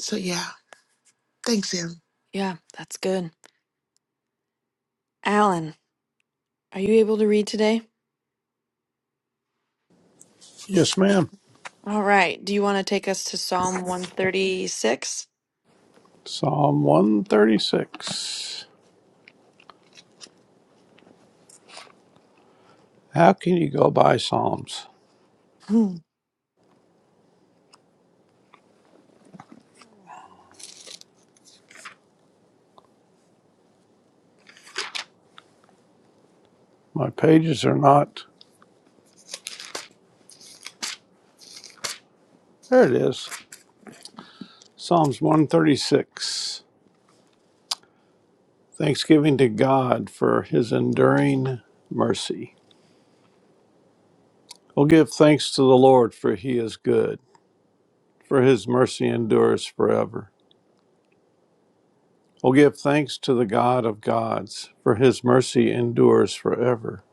So, yeah, thanks, Em.
Yeah. That's good. Alan, are you able to read today?
Yes, ma'am.
All right. Do you want to take us to Psalm 136?
Psalm 136. How can you go by Psalms?
Hmm.
My pages are not. There it is. Psalms 136 Thanksgiving to God for his enduring mercy. Oh, give thanks to the Lord, for he is good, for his mercy endures forever. Oh, give thanks to the God of gods, for his mercy endures forever.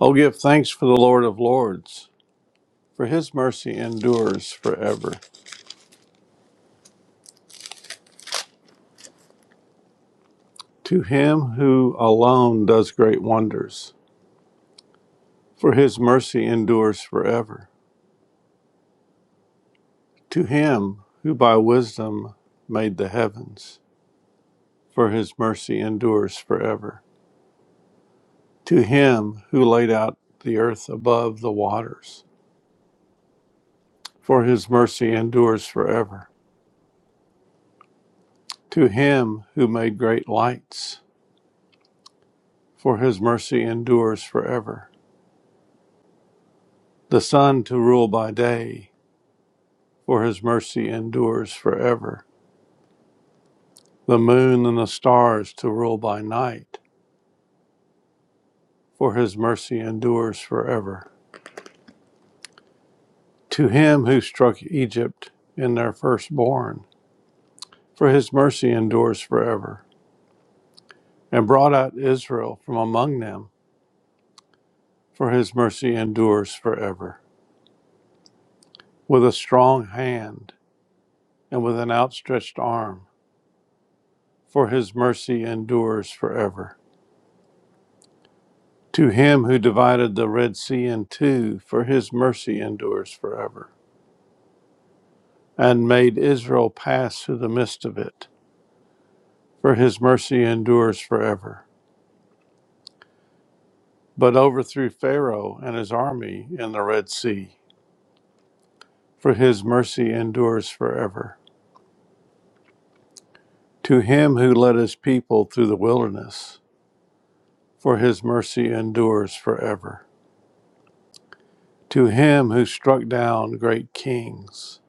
Oh, give thanks for the Lord of lords, for his mercy endures forever. To him who alone does great wonders, for his mercy endures forever. To him who by wisdom made the heavens, for his mercy endures forever. To him who laid out the earth above the waters, for his mercy endures forever. To him who made great lights, for his mercy endures forever. The sun to rule by day, for his mercy endures forever. The moon and the stars to rule by night, for his mercy endures forever to him who struck Egypt in their firstborn, for his mercy endures forever, and brought out Israel from among them, for his mercy endures forever, with a strong hand and with an outstretched arm, for his mercy endures forever. To him who divided the Red Sea in two, for his mercy endures forever, and made Israel pass through the midst of it, for his mercy endures forever but overthrew Pharaoh and his army in the Red Sea. For his mercy endures forever. To him who led his people through the wilderness, for his mercy endures forever. To him who struck down great kings,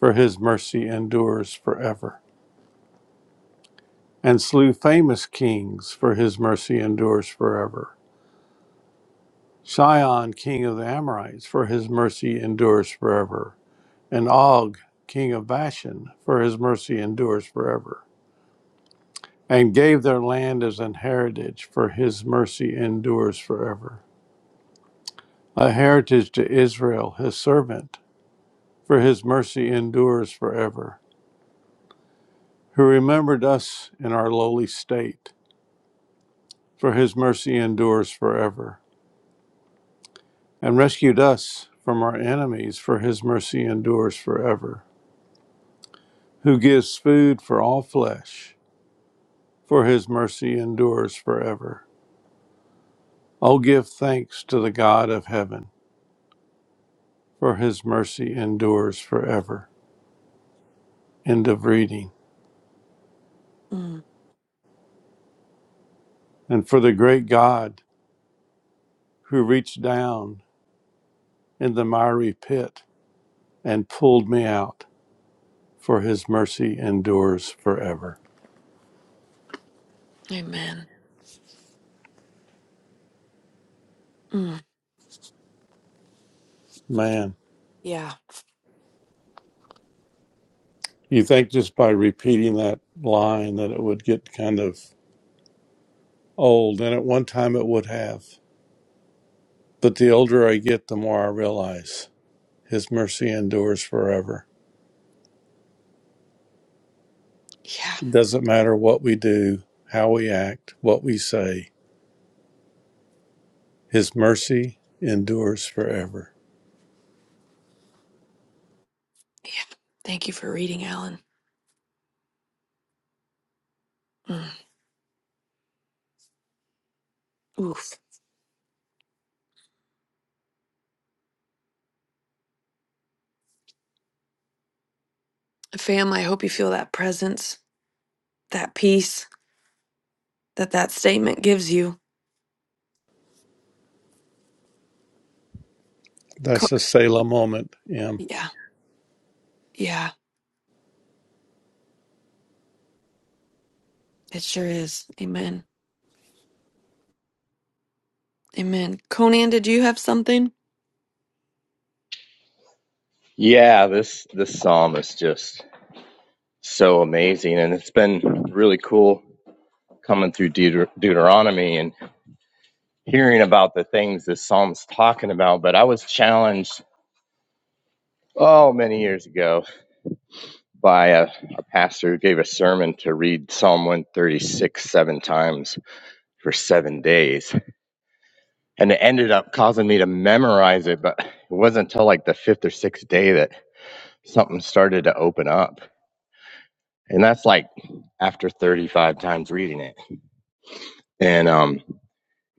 for his mercy endures forever. And slew famous kings, for his mercy endures forever. Sion, king of the Amorites, for his mercy endures forever. And Og, king of Bashan, for his mercy endures forever. and gave their land as an heritage, for his mercy endures forever. A heritage to Israel, his servant, for his mercy endures forever. Who remembered us in our lowly state, for his mercy endures forever. And rescued us from our enemies, for his mercy endures forever. Who gives food for all flesh, for his mercy endures forever. Oh, give thanks to the God of heaven, for his mercy endures forever. End of reading.
Mm.
And for the great God who reached down in the miry pit and pulled me out, for his mercy endures forever.
Amen. Mm,
Man,
yeah,
you think just by repeating that line that it would get kind of old, and at one time it would have. But the older I get, the more I realize his mercy endures forever.
yeah,
It Doesn't matter what we do, how we act, what we say, his mercy endures forever.
yeah. Thank you for reading, Alan. Mm, oof. Fam, I hope you feel that presence, that peace that that statement gives you. Co-
That's a Selah moment. Yeah.
yeah, yeah, it sure is. Amen. Amen. Conan, did you have something?
Yeah, this this psalm is just so amazing, and it's been really cool coming through Deut- Deuteronomy and hearing about the things this psalm's talking about. But I was challenged oh many years ago by a, a pastor who gave a sermon to read Psalm 136 seven times for seven days, and it ended up causing me to memorize it. But it wasn't until like the fifth or sixth day that something started to open up, and that's like after 35 times reading it. and um,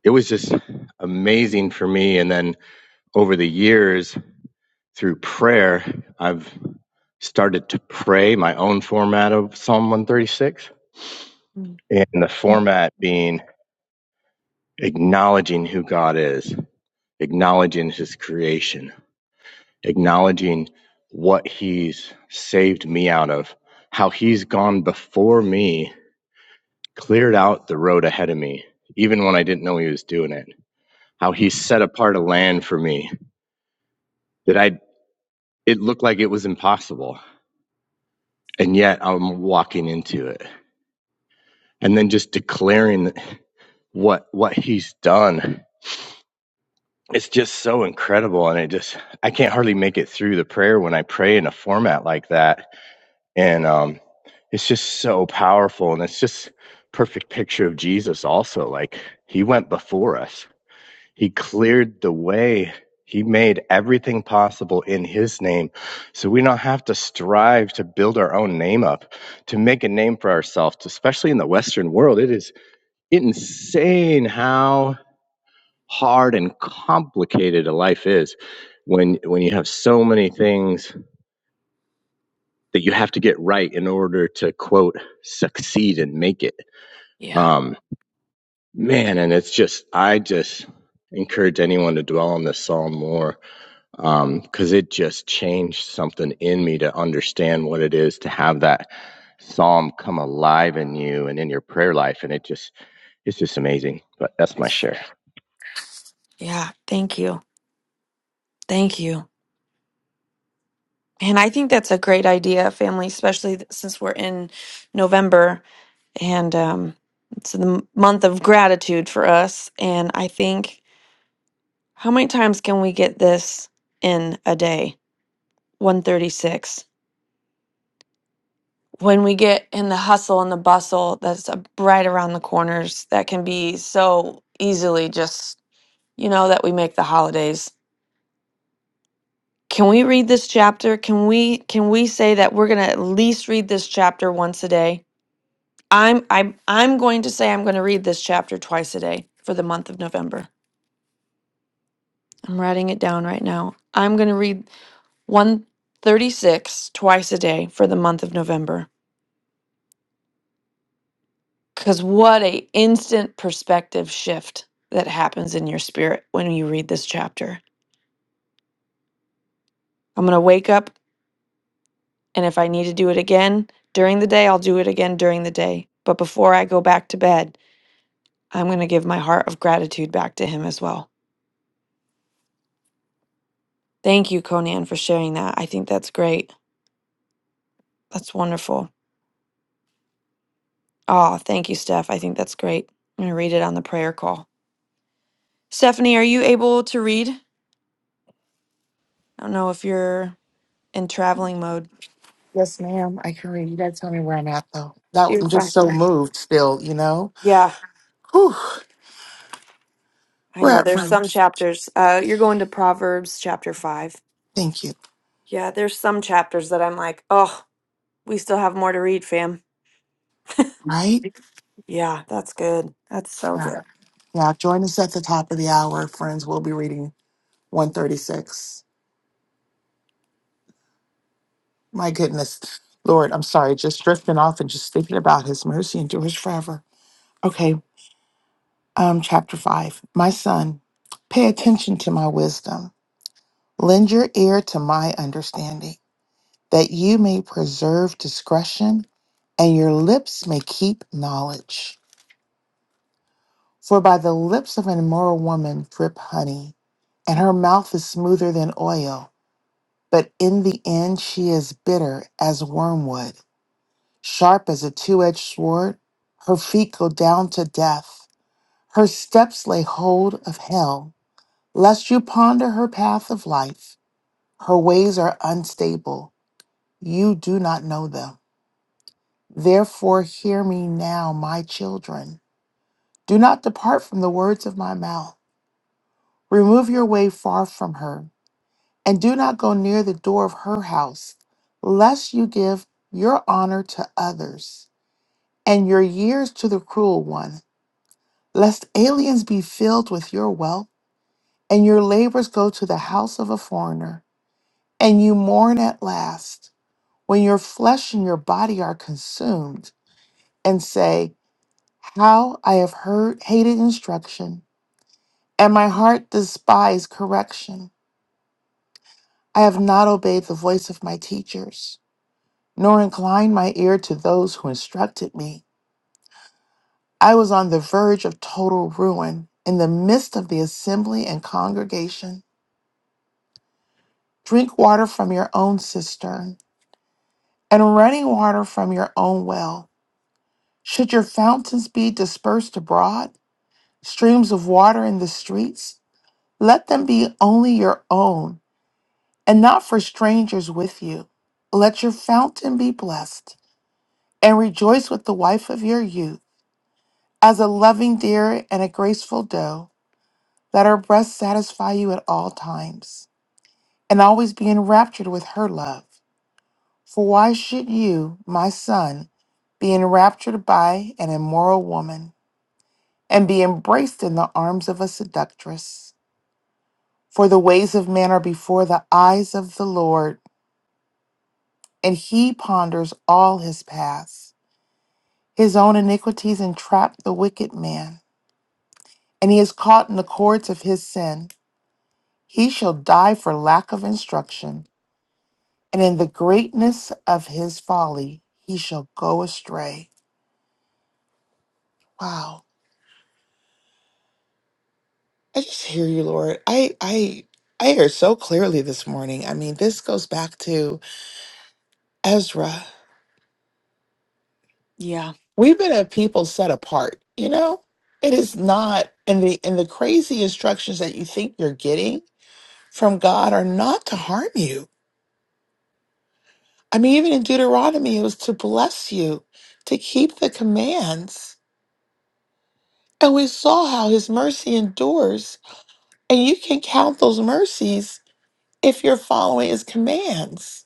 it was just amazing for me. And then over the years, through prayer, I've started to pray my own format of Psalm 136,
Mm.
and the
Mm.
format being acknowledging who God is, acknowledging His creation, acknowledging what He's saved me out of, how He's gone before me, cleared out the road ahead of me, even when I didn't know He was doing it, how He set apart a land for me. that I. it looked like it was impossible and yet i'm walking into it and then just declaring what what he's done it's just so incredible and it just i can't hardly make it through the prayer when i pray in a format like that and um it's just so powerful and it's just perfect picture of jesus also like he went before us He cleared the way. He made everything possible in His name. So we don't have to strive to build our own name up, to make a name for ourselves, especially in the Western world. It is insane how hard and complicated a life is when, when you have so many things that you have to get right in order to, quote, succeed and make it.
Yeah.
Um, man, and it's just, I just encourage anyone to dwell on this psalm more um, because it just changed something in me to understand what it is to have that psalm come alive in you and in your prayer life and it just it's just amazing but that's my share
Yeah. Thank you. Thank you. And I think that's a great idea, family, especially th- since we're in November and um, it's the m- month of gratitude for us. And I think how many times can we get this in a day? 136. When we get in the hustle and the bustle that's uh, right around the corners, that can be so easily just, you know, that we make the holidays. Can we read this chapter? Can we can we say that we're going to at least read this chapter once a day? I'm I'm I'm going to say I'm going to read this chapter twice a day for the month of November. I'm writing it down right now. I'm going to read 136 twice a day for the month of November cuz what a instant perspective shift that happens in your spirit when you read this chapter. I'm going to wake up and if I need to do it again during the day, I'll do it again during the day. But before I go back to bed, I'm going to give my heart of gratitude back to him as well. Thank you, Conan, for sharing that. I think that's great. That's wonderful. Oh, thank you, Steph. I think that's great. I'm going to read it on the prayer call. Stephanie, are you able to read? I don't know if you're in traveling mode.
Yes, ma'am. I can read. You gotta tell me where I'm at, though. That
You're
I'm
fine.
just so moved still, you know?
Yeah,
Whew,
I
we're
know.
at
There's some
first.
chapters. Uh, you're going to Proverbs chapter 5.
Thank you.
Yeah, there's some chapters that I'm like, oh, we still have more to read, fam.
Right?
Yeah, that's good. That's so
Yeah.
good.
Yeah. Join us at the top of the hour, friends. We'll be reading 136. My goodness, Lord, I'm sorry, just drifting off and just thinking about his mercy endures forever. Okay, um, chapter five. My son, pay attention to my wisdom. Lend your ear to my understanding, that you may preserve discretion and your lips may keep knowledge. For by the lips of an immoral woman drip honey, and her mouth is smoother than oil, but in the end she is bitter as wormwood sharp as a two edged sword. Her feet go down to death. Her steps lay hold of hell. Lest you ponder her path of life, her ways are unstable. You do not know them. Therefore, hear me now, my children. Do not depart from the words of my mouth. Remove your way far from her, and do not go near the door of her house, lest you give your honor to others and your years to the cruel one lest aliens be filled with your wealth, and your labors go to the house of a foreigner, and you mourn at last, when your flesh and your body are consumed, and say, How I have heard hated instruction, and my heart despised correction. I have not obeyed the voice of my teachers, nor inclined my ear to those who instructed me. I was on the verge of total ruin in the midst of the assembly and congregation. Drink water from your own cistern and running water from your own well. Should your fountains be dispersed abroad, streams of water in the streets, let them be only your own and not for strangers with you. Let your fountain be blessed and rejoice with the wife of your youth as a loving deer and a graceful doe. Let her breast satisfy you at all times and always be enraptured with her love. For why should you, my son, be enraptured by an immoral woman, and be embraced in the arms of a seductress? For the ways of man are before the eyes of the Lord, and he ponders all his paths. His own iniquities entrap the wicked man, and he is caught in the cords of his sin. He shall die for lack of instruction, and in the greatness of his folly he shall go astray. Wow. I just hear you, Lord. I I I hear so clearly this morning. I mean, this goes back to Ezra.
Yeah.
We've been a people set apart, you know? It is not and the and the crazy instructions that you think you're getting from God are not to harm you. I mean, even in Deuteronomy, it was to bless you, to keep the commands. And we saw how his mercy endures. And you can count those mercies if you're following his commands.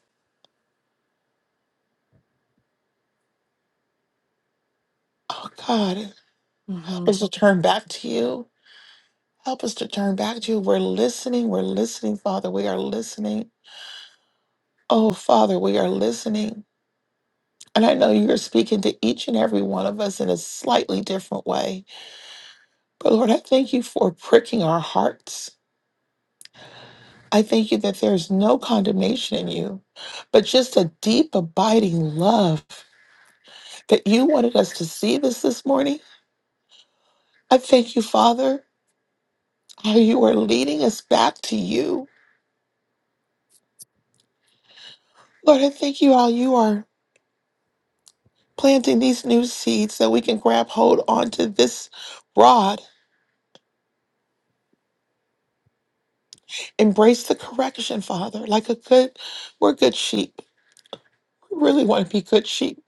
Oh God.
hmm
Help us to turn back to you. Help us to turn back to you. We're listening. We're listening, Father. We are listening. Oh, Father, we are listening. And I know you're speaking to each and every one of us in a slightly different way. But Lord, I thank you for pricking our hearts. I thank you that there's no condemnation in you, but just a deep, abiding love that you wanted us to see this this morning. I thank you, Father, how you are leading us back to you. Lord, I thank you how you are planting these new seeds that we can grab hold onto this rod. Embrace the correction, Father, like a good, we're good sheep. We really want to be good sheep.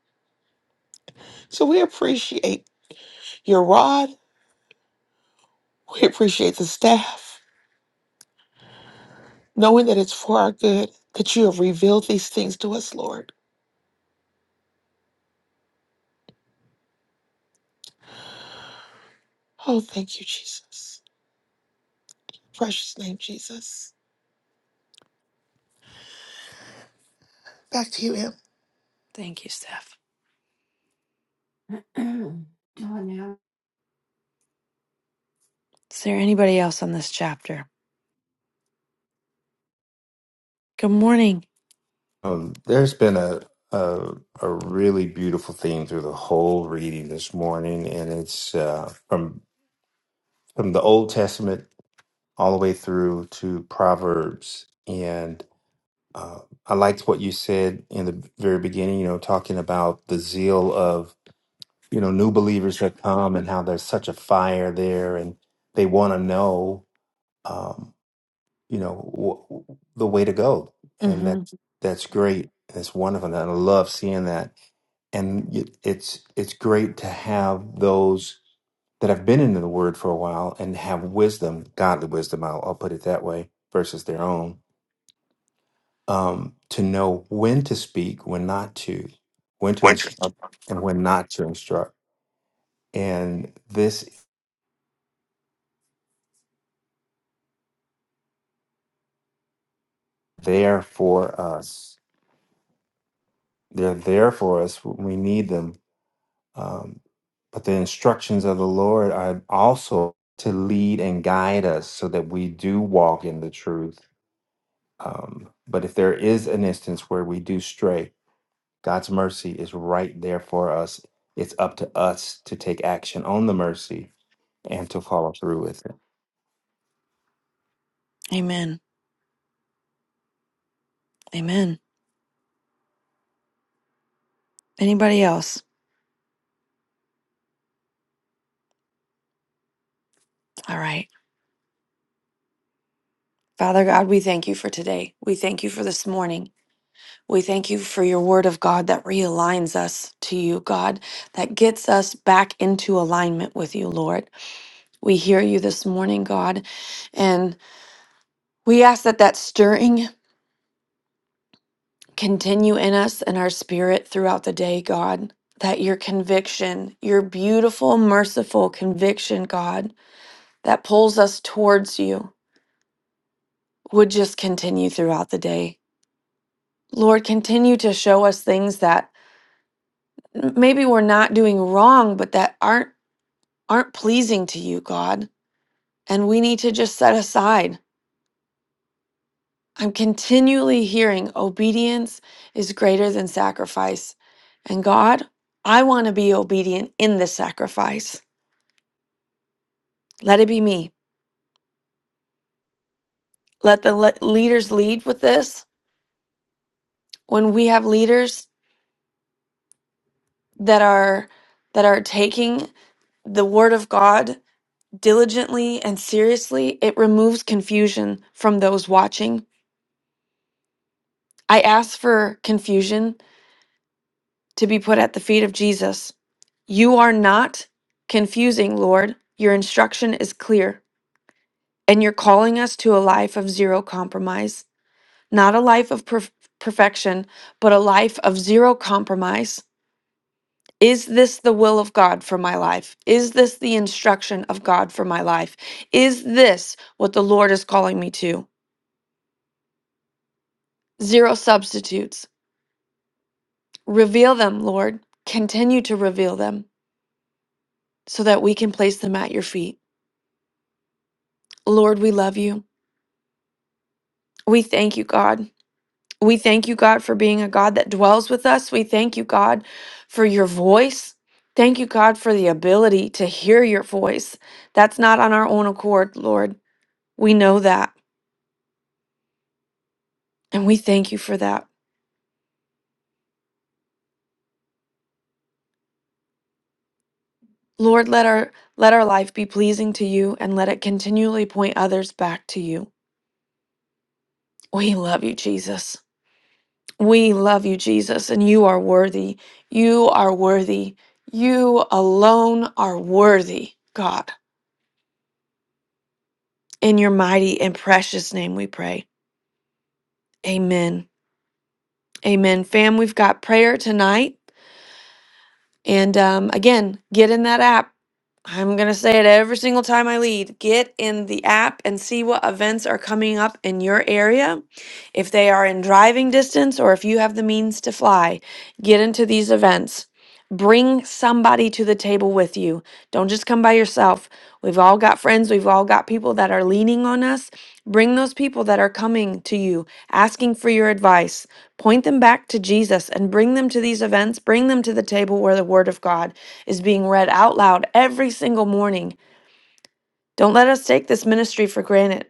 So we appreciate your rod. We appreciate the staff, knowing that it's for our good, that you have revealed these things to us, Lord. Oh, thank you, Jesus. Precious name, Jesus. Back to you, M.
Thank you, Steph. Is there anybody else on this chapter? Good morning.
Um, there's been a, a a really beautiful theme through the whole reading this morning, and it's uh, from from the Old Testament all the way through to Proverbs. And uh, I liked what you said in the very beginning. You know, talking about the zeal of you know new believers that come and how there's such a fire there, and they want to know. Um, you know w- the way to go and
Mm-hmm.
that's that's great that's wonderful and i love seeing that and y- it's it's great to have those that have been into the word for a while and have wisdom godly wisdom i'll, I'll put it that way versus their own um, to know when to speak when not to when to
Winter.
instruct and when not to instruct and this is there for us they're there for us when we need them Um, but the instructions of the Lord are also to lead and guide us so that we do walk in the truth. Um, but if there is an instance where we do stray, God's mercy is right there for us. It's up to us to take action on the mercy and to follow through with it.
Amen. Amen. Anybody else? All right. Father God, we thank you for today. We thank you for this morning. We thank you for your word of God that realigns us to you, God, that gets us back into alignment with you, Lord. We hear you this morning, God, and We ask that that stirring continue in us and our spirit throughout the day, God. That your conviction, your beautiful, merciful conviction, God, that pulls us towards you would just continue throughout the day. Lord, continue to show us things that maybe we're not doing wrong, but that aren't aren't pleasing to you, God. And we need to just set aside. I'm continually hearing obedience is greater than sacrifice. And God, I want to be obedient in the sacrifice. Let it be me. Let the le- leaders lead with this. When we have leaders that are that are taking the word of God diligently and seriously, it removes confusion from those watching. I ask for confusion to be put at the feet of Jesus. You are not confusing, Lord. Your instruction is clear, and you're calling us to a life of zero compromise, not a life of perf- perfection, but a life of zero compromise. Is this the will of God for my life? Is this the instruction of God for my life? Is this what the Lord is calling me to? Zero substitutes. Reveal them, Lord. Continue to reveal them so that we can place them at your feet. Lord, we love you. We thank you, God. We thank you, God, for being a God that dwells with us. We thank you, God, for your voice. Thank you, God, for the ability to hear your voice. That's not on our own accord, Lord. We know that, and we thank you for that. Lord, let our let our life be pleasing to you and let it continually point others back to you. We love you, Jesus. We love you, Jesus, and you are worthy. You are worthy. You alone are worthy, God. In your mighty and precious name we pray. Amen. Amen. Fam, we've got prayer tonight. And um, again, get in that app. I'm going to say it every single time I lead. Get in the app and see what events are coming up in your area. If they are in driving distance or if you have the means to fly, get into these events. Bring somebody to the table with you. Don't just come by yourself. We've all got friends, we've all got people that are leaning on us. Bring those people that are coming to you, asking for your advice. Point them back to Jesus and bring them to these events, bring them to the table where the Word of God is being read out loud every single morning. Don't let us take this ministry for granted.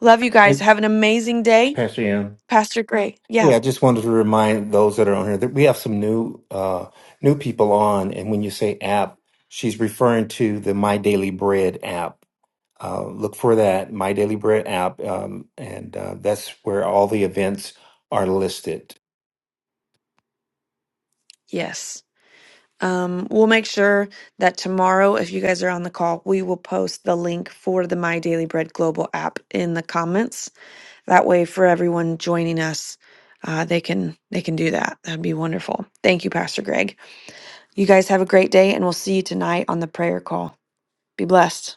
Love you guys.
Hey,
Have an amazing day.
Pastor M.
Pastor Gray. Yeah.
Yeah, I just wanted to remind those that are on here that we have some new uh, new people on, and when you say app, she's referring to the My Daily Bread app uh, look for that My Daily Bread app, um, and uh, that's where all the events are listed.
Yes. Um, we'll make sure that tomorrow, if you guys are on the call, we will post the link for the My Daily Bread Global app in the comments. That way, for everyone joining us, uh, they can they can do that. That'd be wonderful. Thank you, Pastor Greg. You guys have a great day, and we'll see you tonight on the prayer call. Be blessed.